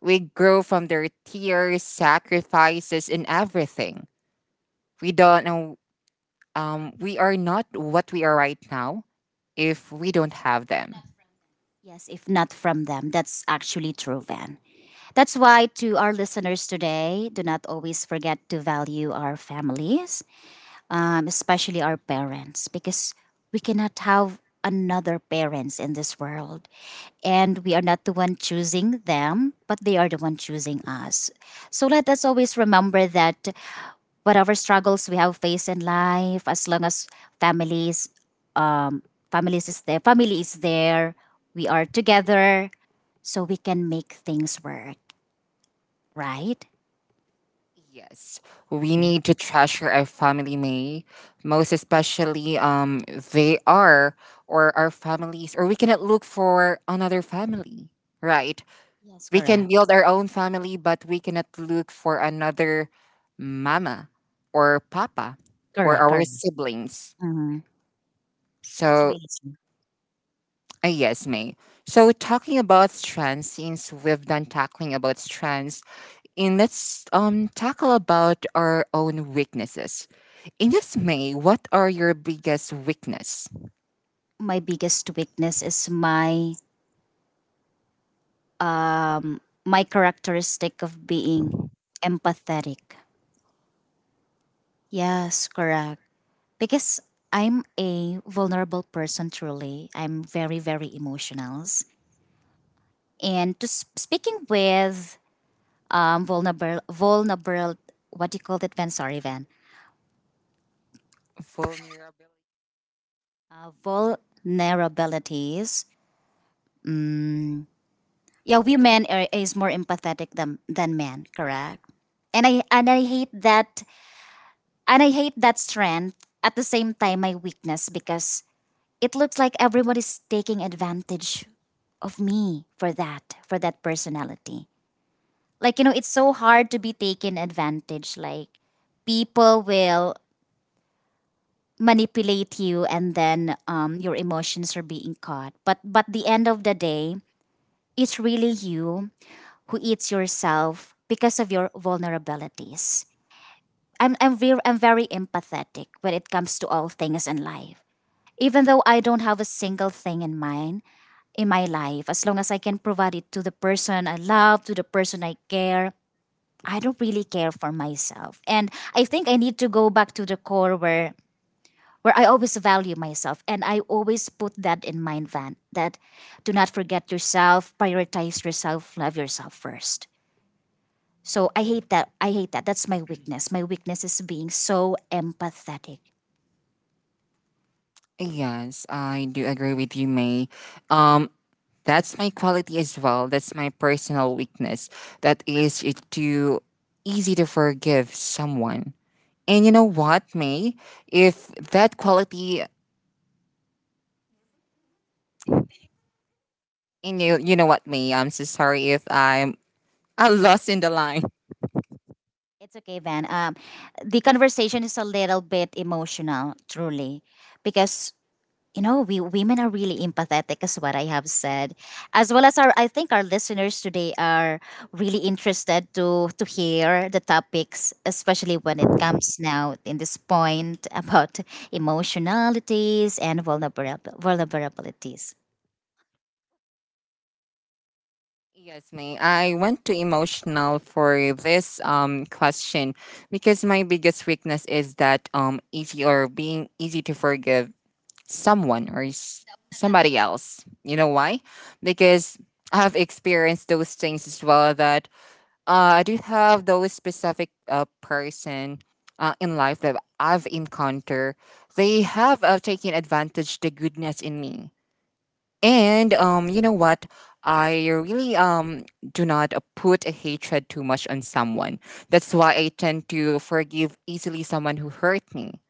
[SPEAKER 1] we grow from their tears, sacrifices, and everything. We don't know. We are not what we are right now if we don't have them.
[SPEAKER 2] Yes, if not from them, that's actually true, Van. That's why to our listeners today, do not always forget to value our families, especially our parents, because we cannot have another parents in this world, and we are not the one choosing them, but they are the one choosing us. So let us always remember that whatever struggles we have faced in life, as long as families um families is there family is there, we are together, so we can make things work, right?
[SPEAKER 1] Yes, we
[SPEAKER 2] Yeah.
[SPEAKER 1] need to treasure our family May, most especially they are or our families, or we cannot look for another family, right?
[SPEAKER 2] Yes,
[SPEAKER 1] We can
[SPEAKER 2] correct.
[SPEAKER 1] build our own family, but we cannot look for another mama or papa or
[SPEAKER 2] Correct,
[SPEAKER 1] our
[SPEAKER 2] correct.
[SPEAKER 1] siblings.
[SPEAKER 2] Mhm. That's
[SPEAKER 1] So
[SPEAKER 2] really true.
[SPEAKER 1] Yes, May. So talking about strands, since we've done talking about strands, and let's tackle about our own weaknesses. In this May, what are your biggest weakness?
[SPEAKER 2] My biggest weakness is my um my characteristic of being empathetic. Yes, correct. Because I'm a vulnerable person truly. I'm very very emotional. And to speaking with vulnerable, what do you call it, Van? Sorry, Van.
[SPEAKER 1] Vulnerability.
[SPEAKER 2] Vulnerabilities. Mm, yeah, women are, is more empathetic than men, correct? And I hate that. And I hate that strength, at the same time, my weakness, because it looks like everyone is taking advantage of me for that personality. Like, you know, it's so hard to be taken advantage. Like, people will manipulate you, and then, your emotions are being caught, but the end of the day, it's really you who eats yourself because of your vulnerabilities. I'm very empathetic when it comes to all things in life. Even though I don't have a single thing in mind in my life, as long as I can provide it to the person I love, to the person I care, I don't really care for myself. And I think I need to go back to the core, where I always value myself, and I always put that in mind, Van, that do not forget yourself, prioritize yourself, love yourself first. So I hate that. I hate that. That's my weakness. My weakness is being so empathetic.
[SPEAKER 1] Yes, I do agree with you, May. Um, that's my quality as well. That's my personal weakness. That is it too easy to forgive someone. And you know what, May? If that quality and you know what, me? I'm so sorry if I'm I lost in the line.
[SPEAKER 2] It's okay, Van. The conversation is a little bit emotional, truly, because you know we women are really empathetic, is what I have said, as well as our, I think, our listeners today are really interested to hear the topics, especially when it comes now in this point about emotionalities and vulnerabilities.
[SPEAKER 1] Yes, me. I went too emotional for this question because my biggest weakness is that easy or being easy to forgive someone or somebody else. You know why? Because I've experienced those things as well. That I do have those specific person in life that I've encountered. They have taken advantage the goodness in me. And you know what? I really do not put a hatred too much on someone. That's why I tend to forgive easily someone who hurt me,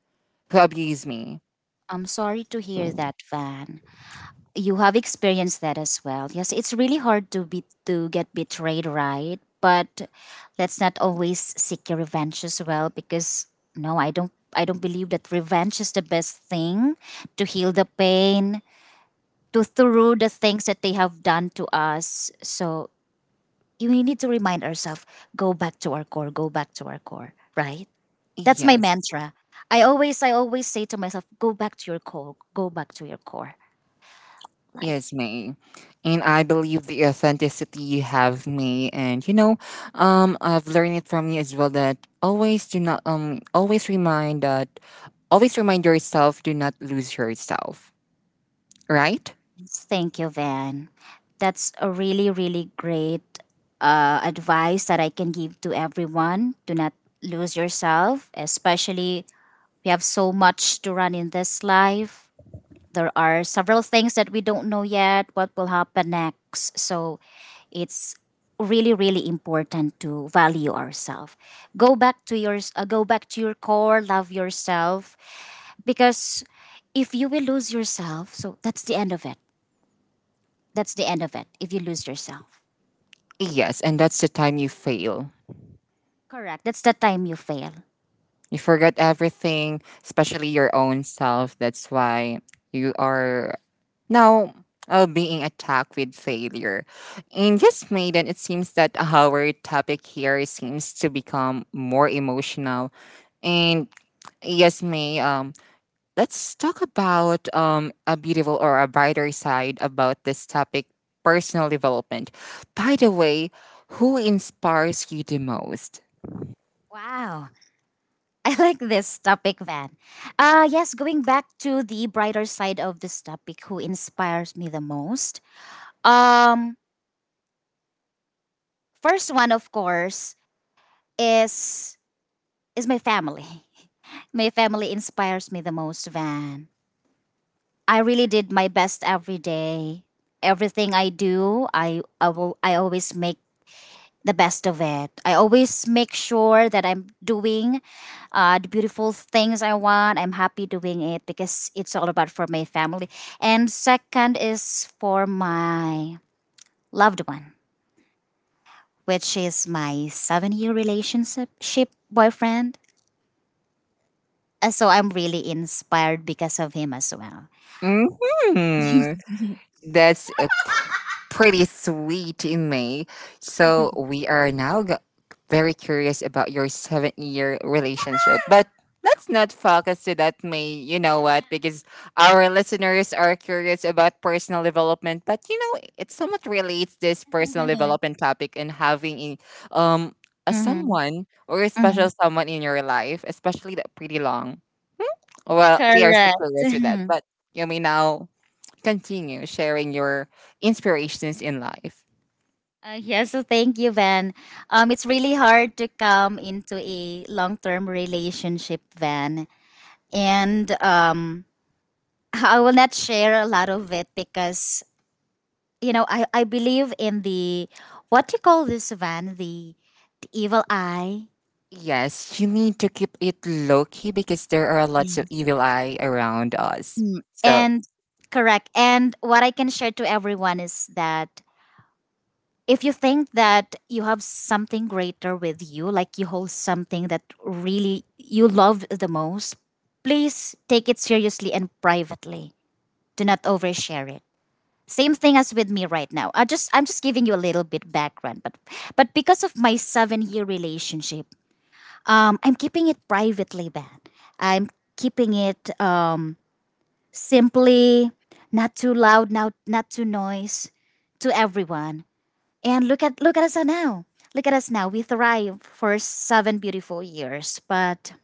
[SPEAKER 1] who
[SPEAKER 2] Oh.
[SPEAKER 1] abused me.
[SPEAKER 2] I'm sorry to hear that, Van. You have experienced that as well. Yes, it's really hard to be to get betrayed, right? But let's not always seek your revenge as well, because no, I don't believe that revenge is the best thing to heal the pain, to through the things that they have done to us. So we need to remind ourselves, go back to our core, go back to our core, right? That's my
[SPEAKER 1] Yes,
[SPEAKER 2] mantra. I always say to myself, go back to your core, go back to your core. Like,
[SPEAKER 1] yes, me. And I believe the authenticity you have me, and you know, I've learned it from you as well that always do not um always remind that always remind yourself do not lose yourself, right?
[SPEAKER 2] thank you, Van. That's a really, really great advice that I can give to everyone. Do not lose yourself, especially we have so much to run in this life. There are several things that we don't know yet, what will happen next. So it's really really important to value ourselves, go back to your go back to your core, love yourself, because if you will lose yourself, so that's the end of it, that's the end of it if you lose yourself.
[SPEAKER 1] Yes, and that's the time you fail.
[SPEAKER 2] Correct. That's the time you fail.
[SPEAKER 1] You forgot everything, especially your own self. That's why you are now being attacked with failure. And yes, Maiden, it seems that our topic here seems to become more emotional. And yes, May, let's talk about a beautiful or a brighter side about this topic personal development. By the way, who inspires you the most?
[SPEAKER 2] Wow. I like this topic, Van. Yes, going back to the brighter side of this topic, who inspires me the most? Um, First one, of course, is my family. My family inspires me the most, Van. I really did my best every day. Everything I do, I always make the best of it. I always make sure that I'm doing the beautiful things I want. I'm happy doing it because it's all about for my family. And second is for my loved one, which is my 7 year relationship ship boyfriend. So I'm really inspired because of him as well.
[SPEAKER 1] Hmm. That's a pretty sweet in May. So we are now very curious about your 7-year relationship. But let's not focus to that, May. You know what? Because our listeners are curious about personal development. But you know, it somewhat relates this personal
[SPEAKER 2] Mhm.
[SPEAKER 1] development topic and having um a someone or a
[SPEAKER 2] Mhm.
[SPEAKER 1] special someone in your life, especially that pretty long. Well, we are so
[SPEAKER 2] Correct.
[SPEAKER 1] curious with that. But you may now continue sharing your inspirations in life.
[SPEAKER 2] Yeah, so thank you, Van. It's really hard to come into a long-term relationship, Van, and I will not share a lot of it because you know I believe in the, what you call this, Van, the evil eye.
[SPEAKER 1] Yes, you need to keep it low key because there are lots of
[SPEAKER 2] Yeah.
[SPEAKER 1] evil eye around us.
[SPEAKER 2] Mm.
[SPEAKER 1] So,
[SPEAKER 2] And correct. And what I can share to everyone is that if you think that you have something greater with you, like you hold something that really you love the most, please take it seriously and privately. Do not overshare it. Same thing as with me right now. I'm just giving you a little bit background, but because of my 7 year relationship, I'm keeping it privately, man. I'm keeping it simply, not too loud, not too noise to everyone, and look at us now. Look at us now. We thrive for seven beautiful years, but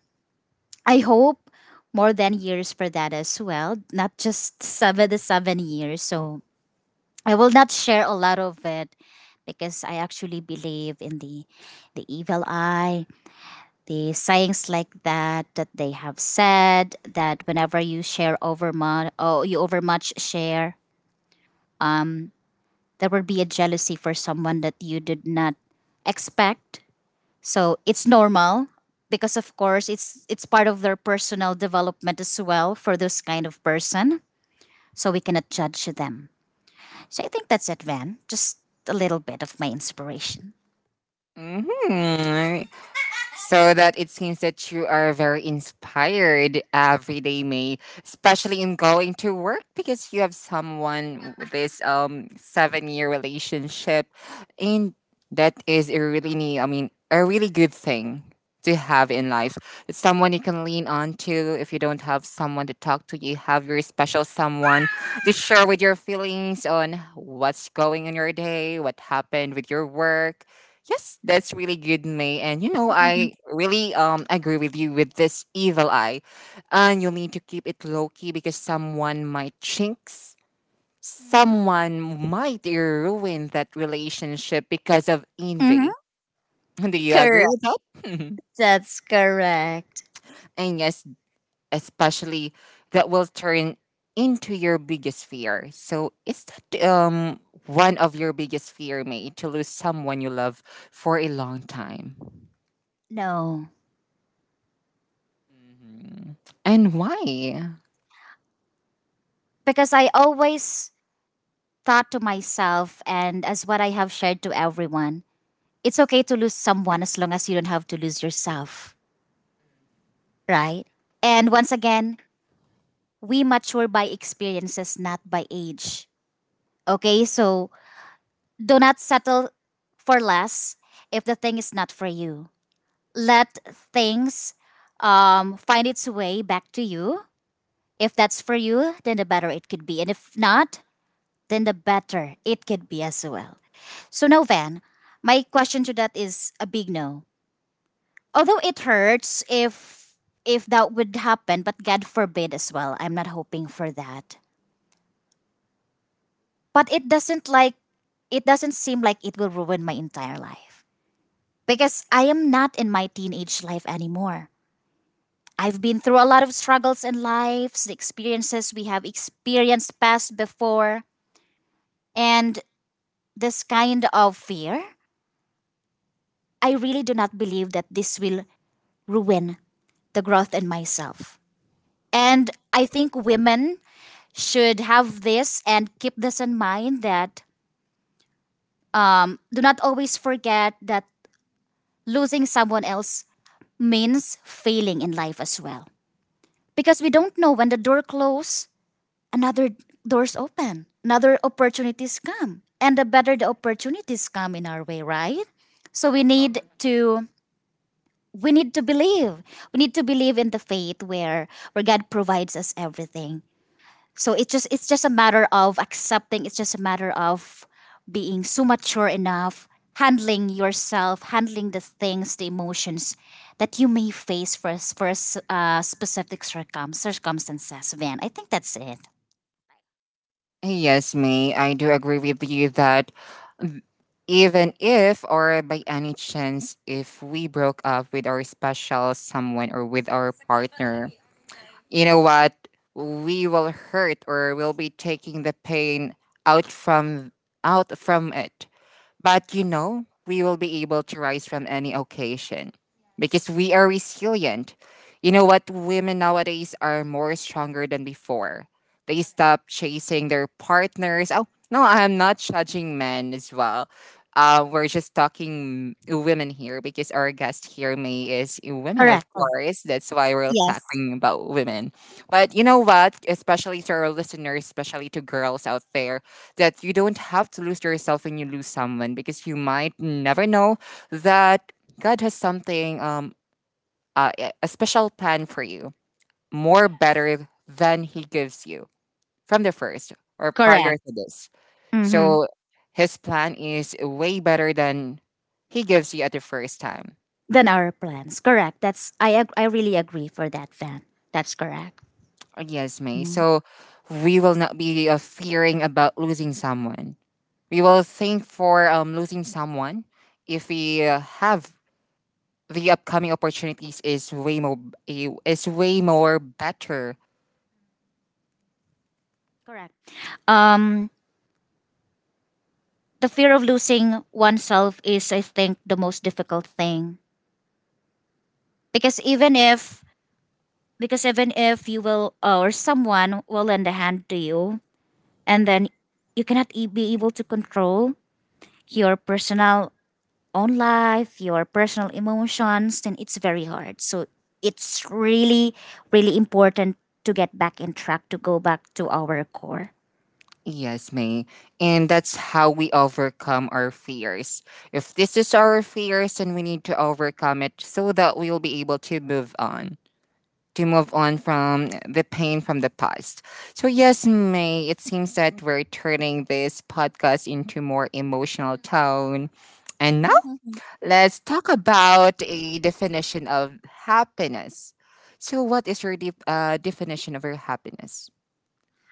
[SPEAKER 2] I hope more than years for that as well, not just seven the 7 years. So I will not share a lot of it because I actually believe in the evil eye, the sayings like that that they have said that whenever you share over much, oh, you overmuch share, there will be a jealousy for someone that you did not expect. So it's normal because of course it's part of their personal development as well for this kind of person. So we cannot judge them. So I think that's it, Van. Just a little bit of my inspiration.
[SPEAKER 1] hmm. So that it seems that you are very inspired every day, May, especially in going to work because you have someone with this 7-year relationship, and that is a really I mean a really good thing to have in life. It's someone you can lean on to if you don't have someone to talk to. You have your special someone to share with your feelings on what's going on your day, what happened with your work. Yes, that's really good, May. And you know, I really agree with you with this evil eye. And you'll need to keep it low key because someone might jinx, someone might ruin that relationship because of
[SPEAKER 2] Mm-hmm.
[SPEAKER 1] envy. Do you agree
[SPEAKER 2] Correct.
[SPEAKER 1] with that?
[SPEAKER 2] That's correct.
[SPEAKER 1] And yes, especially that will turn into your biggest fear. So is that one of your biggest fear, May, to lose someone you love for a long time?
[SPEAKER 2] No,
[SPEAKER 1] Mhm. And why?
[SPEAKER 2] because I always thought to myself, and as what I have shared to everyone, it's okay to lose someone as long as you don't have to lose yourself, right? And once again, we mature by experiences, not by age. Okay, so do not settle for less if the thing is not for you. Let things find its way back to you. If that's for you, then the better it could be. And if not, then the better it could be as well. So, no, Van, my question to that is a big no. Although it hurts if that would happen, but God forbid as well. I'm not hoping for that. But it doesn't like, it doesn't seem like it will ruin my entire life because I am not in my teenage life anymore. I've been through a lot of struggles in life, the experiences we have experienced past before, and this kind of fear, I really do not believe that this will ruin the growth in myself. And I think women should have this and keep this in mind that, do not always forget that losing someone else means failing in life as well. Because we don't know when the door closes, another doors open, another opportunities come. And the better the opportunities come in our way, right? So we need to believe. We need to believe in the faith where God provides us everything. So it's just a matter of accepting. It's just a matter of being so mature enough, handling yourself, handling the things, the emotions that you may face for specific circumstances. Van, I think that's it.
[SPEAKER 1] Yes, May, I do agree with you that even if or by any chance if we broke up with our special someone or with our partner, you know what? We will hurt or we'll be taking the pain out from out from it. But you know, we will be able to rise from any occasion because we are resilient. You know what? Women nowadays are more stronger than before. They stop chasing their partners. Oh, no, I'm not judging men as well. We're just talking women here because our guest here, May, is a woman,
[SPEAKER 2] Correct.
[SPEAKER 1] of course. That's why we're
[SPEAKER 2] Yes.
[SPEAKER 1] talking about women. But you know what? Especially to our listeners, especially to girls out there, that you don't have to lose yourself when you lose someone because you might never know that God has something, a special plan for you, more better than He gives you from the first or prior
[SPEAKER 2] Correct.
[SPEAKER 1] to this.
[SPEAKER 2] Mm-hmm.
[SPEAKER 1] So His plan is way better than He gives you at the first time.
[SPEAKER 2] Than our plans. Correct. That's I I really agree for that, Van. That's correct.
[SPEAKER 1] Yes, May. So we will not be fearing about losing someone. We will think for losing someone if we have the upcoming opportunities is way more better.
[SPEAKER 2] Correct. Um, the fear of losing oneself is, I think, the most difficult thing, because even if you will or someone will lend a hand to you, and then you cannot be able to control your personal own life, your personal emotions, then it's very hard. So it's really, really important to get back in track, to go back to our core.
[SPEAKER 1] Yes, May. And that's how we overcome our fears. If this is our fears, then we need to overcome it so that we'll be able to move on. To move on from the pain from the past. So, yes, May, it seems that we're turning this podcast into more emotional tone and let's talk about a definition of happiness. So, what is your definition of your happiness?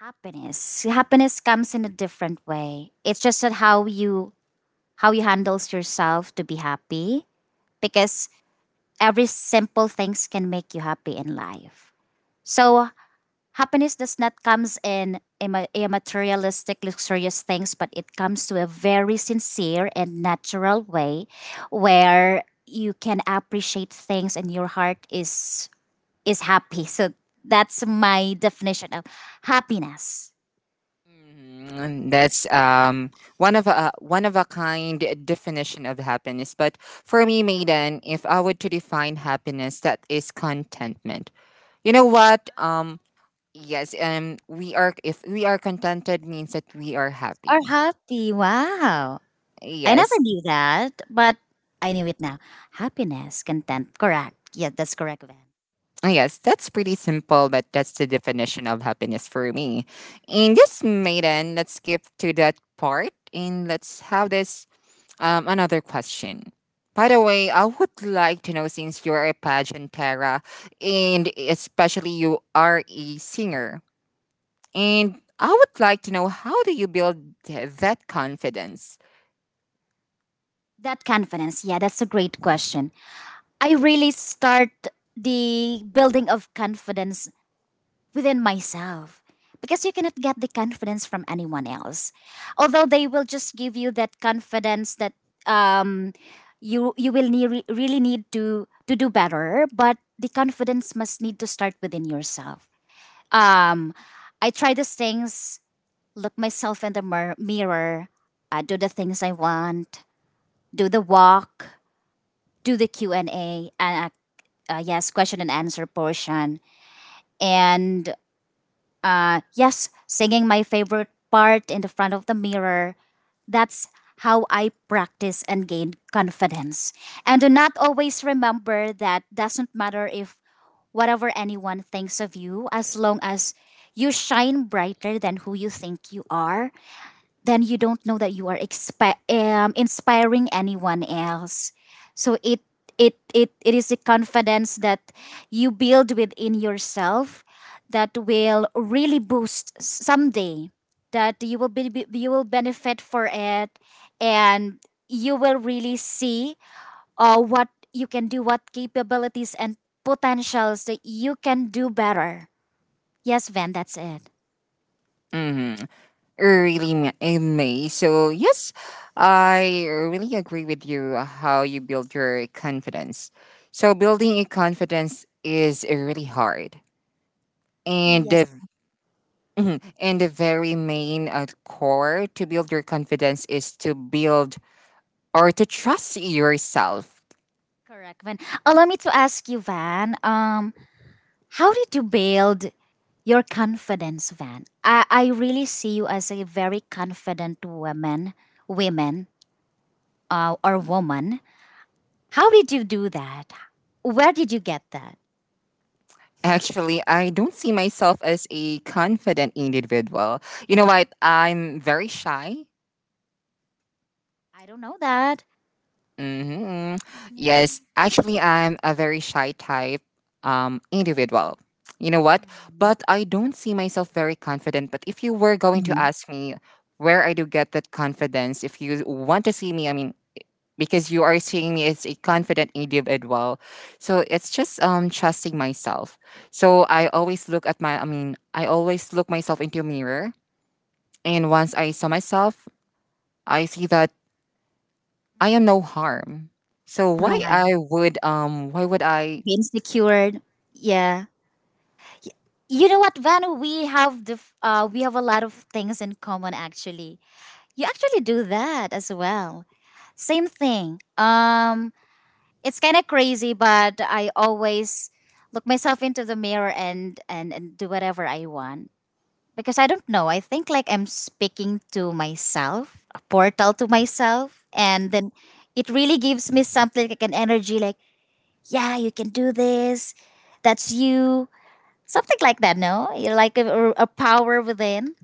[SPEAKER 2] Happiness. Happiness comes in a different way. It's just that how you handles yourself to be happy, because every simple things can make you happy in life. So happiness does not comes in a, a materialistic luxurious things, but it comes to a very sincere and natural way where you can appreciate things and your heart is happy. So that's my definition of happiness.
[SPEAKER 1] That's one of a kind definition of happiness. But for me, Maiden, if I were to define happiness, that is contentment. You know what? Yes. We are If we are contented means that we are
[SPEAKER 2] Or
[SPEAKER 1] happy.
[SPEAKER 2] happy. Wow. I never
[SPEAKER 1] Yes.
[SPEAKER 2] knew that, but I knew it now. Happiness, content. Correct. Yeah, that's correct, Van.
[SPEAKER 1] Ah, yes, that's pretty simple, but that's the definition of happiness for me. And yes, Maiden, let's skip to that part and let's have this another question. By the way, I would like to know since you are a pageant Tara, and especially you are a singer, and I would like to know how do you build that confidence?
[SPEAKER 2] That confidence. Yeah, that's a great question. I really start the building of confidence within myself, because you cannot get the confidence from anyone else. Although they will just give you that confidence that um, you will need, really need to do better, but the confidence must need to start within yourself. Um, I try these things, look myself in the mirror, do the things I want, do the walk, do the Q and A, and yes, question and answer portion. And yes, singing my favorite part in the front of the mirror. That's how I practice and gain confidence. And do not always remember that doesn't matter if whatever anyone thinks of you, as long as you shine brighter than who you think you are, then you don't know that you are inspiring anyone else. So it is a confidence that you build within yourself that will really boost someday that you will be- you will benefit for it, and you will really see what you can do, what capabilities and potentials that you can do better. Yes, Van, that's it.
[SPEAKER 1] Mm-hmm. May. So yes, I really agree with you how you build your confidence. So building a confidence is really hard. And the
[SPEAKER 2] Yes,
[SPEAKER 1] mhm, and the very main core to build your confidence is to build or to trust yourself.
[SPEAKER 2] correct, Van. Allow me to ask you, Van. How did you build your confidence, Van? I really see you as a very confident woman, women, or woman. How did you do that? Where did you get that?
[SPEAKER 1] Actually, I don't see myself as a confident individual. You know what? I'm very shy.
[SPEAKER 2] I don't know that.
[SPEAKER 1] Hmm. Yes, actually, I'm a very shy type individual. You know what? But I don't see myself very confident. But if you were going to
[SPEAKER 2] Mhm.
[SPEAKER 1] ask me where I do get that confidence, if you want to see me, I mean, because you are seeing me as a confident individual, so it's just trusting myself. So I always look at I always look myself into a mirror, and once I saw myself, I see that I am no harm. So why
[SPEAKER 2] Right,
[SPEAKER 1] I would why would I
[SPEAKER 2] being secured. Yeah. Y- You know what, Van? We have the we have a lot of things in common. Actually, you actually do that as well. Same thing. It's kind of crazy, but I always look myself into the mirror and, and do whatever I want, because I don't know. I think like I'm speaking to myself, a portal to myself, and then it really gives me something like an energy, like yeah, you can do this. That's you, something like that. No, you like a power within.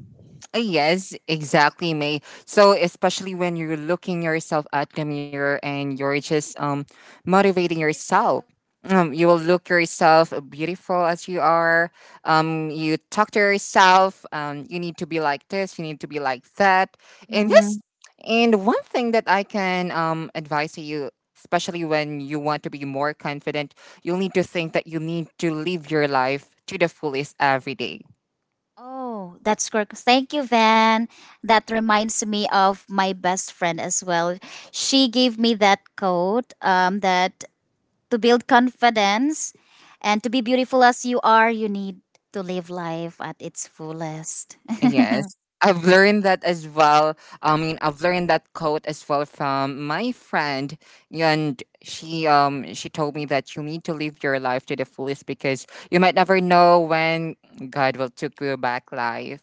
[SPEAKER 1] Yes, exactly, May. So especially when you're looking yourself at the mirror and you're just motivating yourself. You will look yourself beautiful as you are. You talk to yourself. You need to be like this. You need to be like that. And yes, and one thing that I can advise to you, especially when you want to be more confident, you'll need to think that you need to live your life to the fullest every day.
[SPEAKER 2] Oh, that's correct. Thank you, Van. That reminds me of my best friend as well. She gave me that quote, that to build confidence and to be beautiful as you are, you need to live life at its fullest.
[SPEAKER 1] Yes. I've learned that as well. I mean, I've learned that quote as well from my friend, and she told me that you need to live your life to the fullest because you might never know when God will take you back life.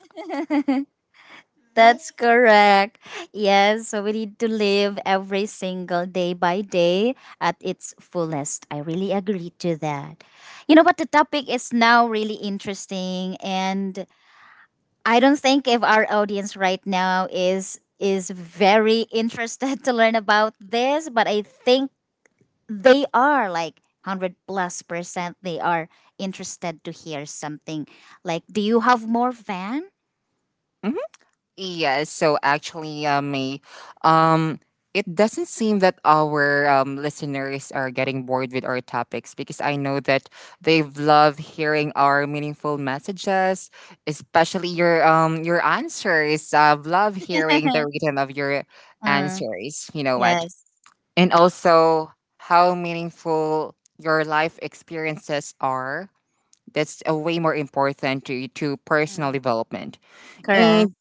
[SPEAKER 2] That's correct. Yes, so we need to live every single day by day at its fullest. I really agree to that. You know what? The topic is now really interesting, and I don't think if our audience right now is very interested to learn about this, but I think they are like 100 plus percent they are interested to hear something, like, do you have more, Van?
[SPEAKER 1] Mm-hmm. Yes, so actually, May, um, it doesn't seem that our listeners are getting bored with our topics because I know that they've loved hearing our meaningful messages, especially your answers. I've loved hearing the rhythm of your
[SPEAKER 2] Mm,
[SPEAKER 1] answers. You know what?
[SPEAKER 2] yes.
[SPEAKER 1] And also how meaningful your life experiences are. That's a way more important to
[SPEAKER 2] Mm.
[SPEAKER 1] personal development. And
[SPEAKER 2] Correct.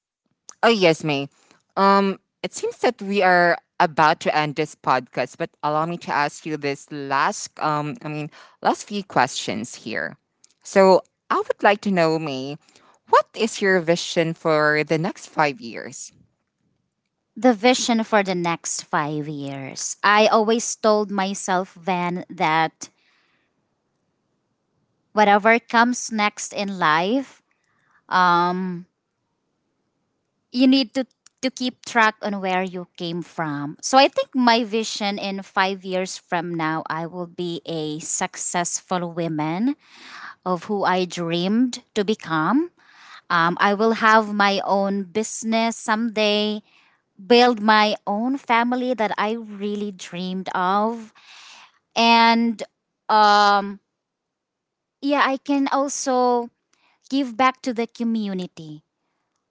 [SPEAKER 1] oh yes, May. Um, it seems that we are about to end this podcast, but allow me to ask you this last I mean last few questions here. So I would like to know, May, what is your vision for the next 5 years?
[SPEAKER 2] The vision for the next 5 years. I always told myself, Van, that whatever comes next in life, um, you need to keep track on where you came from. So I think my vision in 5 years from now, I will be a successful woman of who I dreamed to become. I will have my own business someday, build my own family that I really dreamed of, and um yeah, I can also give back to the community.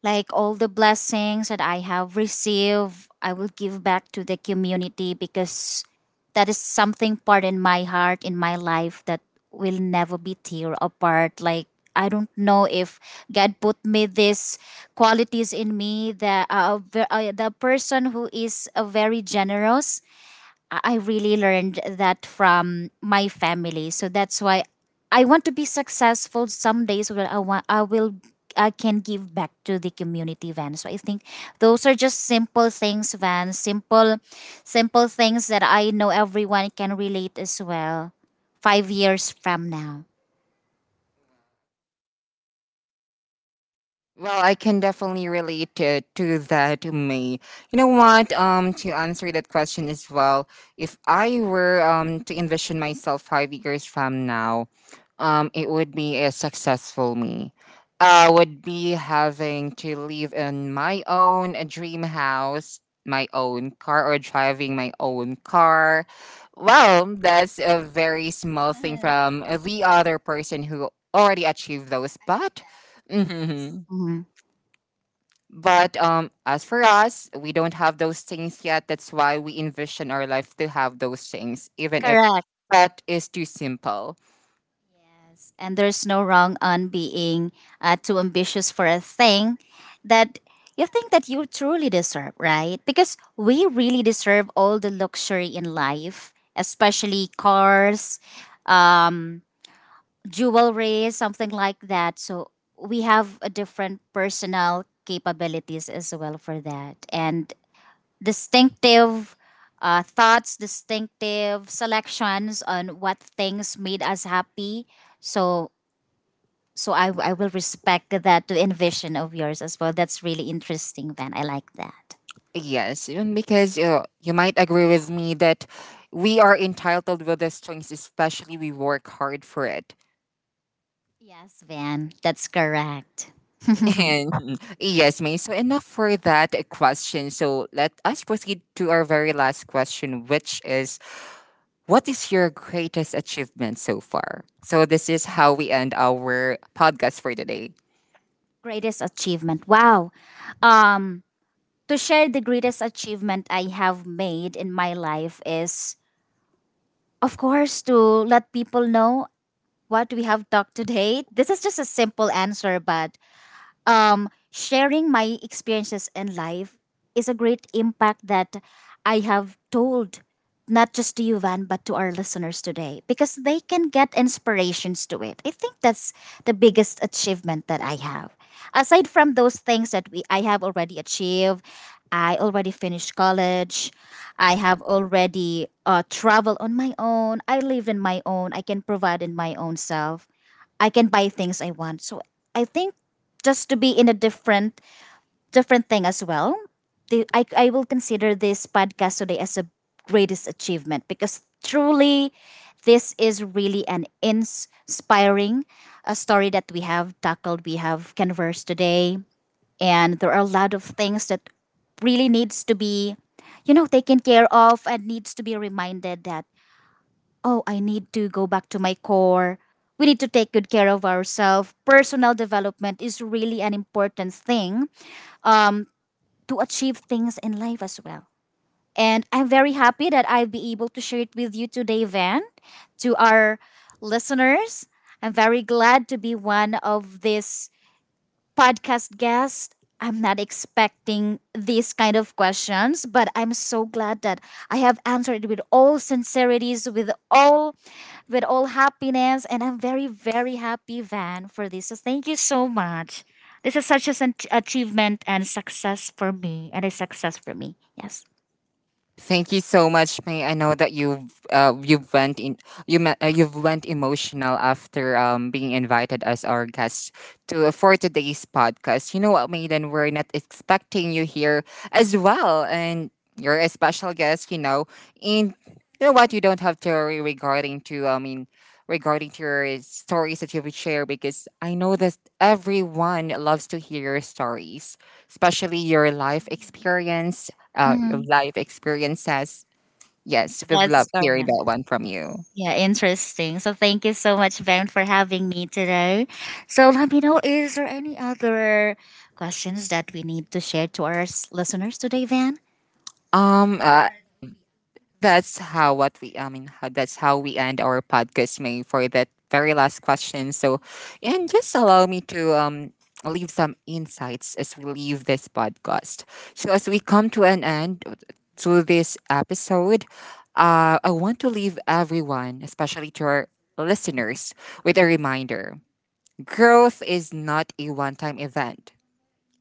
[SPEAKER 2] Like all the blessings that I have received, I will give back to the community, because that is something part in my heart, in my life, that will never be tear apart. Like, I don't know if God put me these qualities in me. The the person who is very generous. I really learned that from my family. So that's why I want to be successful someday, so that I will I can give back to the community, Van. So I think those are just simple things, Van. Simple simple things that I know everyone can relate as well. 5 years from now.
[SPEAKER 1] Well, I can definitely relate to that, May. You know what? To answer that question as well, if I were to envision myself 5 years from now, it would be a successful me. I would be having to live in my own a dream house, my own car, or driving my own car. Well, that's a very small thing from the other person who already achieved those, but.
[SPEAKER 2] Yes. Mhm.
[SPEAKER 1] But as for us, we don't have those things yet. That's why we envision our life to have those things, even if
[SPEAKER 2] Correct.
[SPEAKER 1] that is too simple.
[SPEAKER 2] Yes, and there's no wrong on being too ambitious for a thing that you think that you truly deserve, right? Because we really deserve all the luxury in life, especially cars, um, jewelry, something like that. So we have a different personal capabilities as well for that, and distinctive thoughts, distinctive selections on what things made us happy. So I will respect that envision of yours as well. That's really interesting, Van. I like that.
[SPEAKER 1] Yes, and because you might agree with me that we are entitled with those things, especially we work hard for it.
[SPEAKER 2] Yes, Van. That's correct.
[SPEAKER 1] And yes, May, so enough for that question. So let us proceed to our very last question, which is what is your greatest achievement so far? So this is how we end our podcast for today.
[SPEAKER 2] Greatest achievement. Wow. Um, to share the greatest achievement I have made in my life is, of course, to let people know what we have talked today. This is just a simple answer, but sharing my experiences in life is a great impact that I have told, not just to you, Van, but to our listeners today, because they can get inspirations to it. I think that's the biggest achievement that I have. Aside from those things that we I have already achieved, I already finished college. I have already traveled on my own. I live in my own. I can provide in my own self. I can buy things I want. So I think, just to be in a different different thing as well. I will consider this podcast today as a greatest achievement, because truly this is really an inspiring story that we have conversed today, and there are a lot of things that really needs to be, you know, taken care of, and needs to be reminded that, oh, I need to go back to my core. We need to take good care of ourselves. Personal development is really an important thing to achieve things in life as well. And I'm very happy that I'll be able to share it with you today, Van, to our listeners. I'm very glad to be one of this podcast guest. I'm not expecting these kind of questions, but I'm so glad that I have answered with all sincerities, with all happiness, and I'm very very happy, Van, for this. So thank you so much. This is such an achievement and success for me, and a success for me. Yes.
[SPEAKER 1] Thank you so much, May. I know that you've went in you me- you've went emotional after being invited as our guest to for today's podcast. You know what, Maiden, we're not expecting you here as well, and you're a special guest. You know, and you know what, you don't have to worry regarding to your stories that you would share because I know that everyone loves to hear your stories, especially your life experience
[SPEAKER 2] Mm-hmm.
[SPEAKER 1] of life experiences. Yes, we'd
[SPEAKER 2] Yes,
[SPEAKER 1] love hearing
[SPEAKER 2] correct.
[SPEAKER 1] that one from you.
[SPEAKER 2] Yeah, interesting. So thank you so much, Ben, for having me today. So let me know, is there any other questions that we need to share to our listeners today, Van?
[SPEAKER 1] Um, uh, that's how what we. I mean, how, that's how we end our podcast, May, for that very last question. So, and just allow me to leave some insights as we leave this podcast. So, as we come to an end to this episode, I want to leave everyone, especially to our listeners, with a reminder: growth is not a one-time event,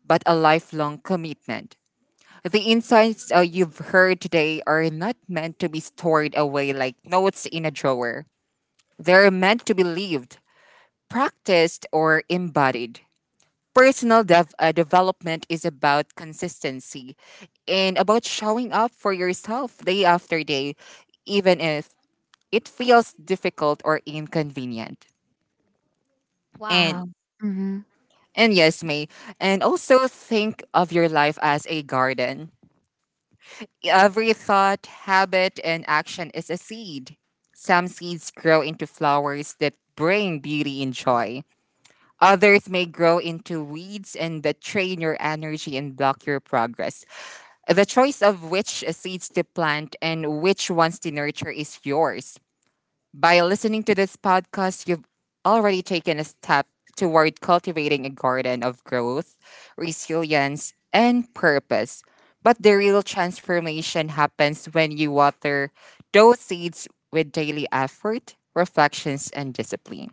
[SPEAKER 1] but a lifelong commitment. The insights you've heard today are not meant to be stored away like notes in a drawer. They're meant to be lived, practiced, or embodied. Development is about consistency and about showing up for yourself day after day, even if it feels difficult or inconvenient. And
[SPEAKER 2] Wow. Hmm.
[SPEAKER 1] yes, May. And also think of your life as a garden. Every thought, habit, and action is a seed. Some seeds grow into flowers that bring beauty and joy. Others may grow into weeds and that drain your energy and block your progress. The choice of which seeds to plant and which ones to nurture is yours. By listening to this podcast, you've already taken a step toward cultivating a garden of growth, resilience, and purpose. But the real transformation happens when you water those seeds with daily effort, reflections, and discipline.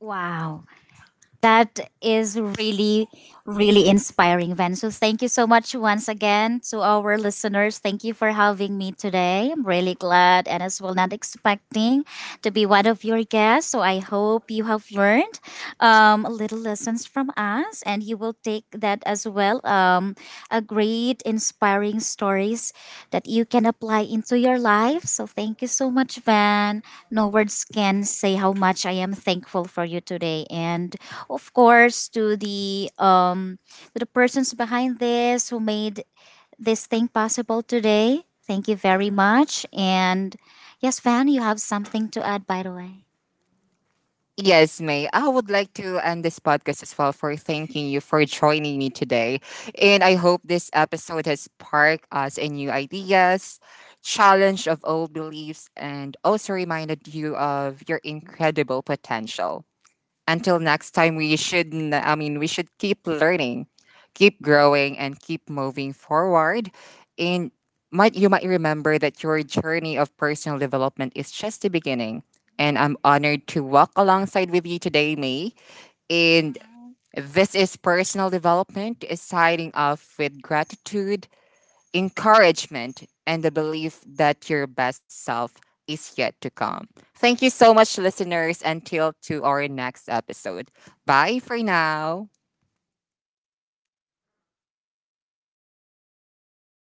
[SPEAKER 2] Wow. That is really, really inspiring, Van. So thank you so much once again to our listeners. Thank you for having me today. I'm really glad, and as well not expecting to be one of your guests. So I hope you have learned little lessons from us, and you will take that as well. A great, inspiring stories that you can apply into your life. So, thank you so much, Van. No words can say how much I am thankful for you today, and of course, to the persons behind this who made this thing possible today. Thank you very much, and yes, Van, you have something to add, by the way.
[SPEAKER 1] Yes, May. I would like to end this podcast as well for thanking you for joining me today. And I hope this episode has sparked us in new ideas, challenge of old beliefs, and also reminded you of your incredible potential. Until next time, we should, n- I mean, we should keep learning, keep growing, and keep moving forward. And might you might remember that your journey of personal development is just the beginning. And I'm honored to walk alongside with you today, May. And this is personal development, signing off with gratitude encouragement, and the belief that your best self is yet to come. Thank you so much, listeners. Until to our next episode. Bye for now.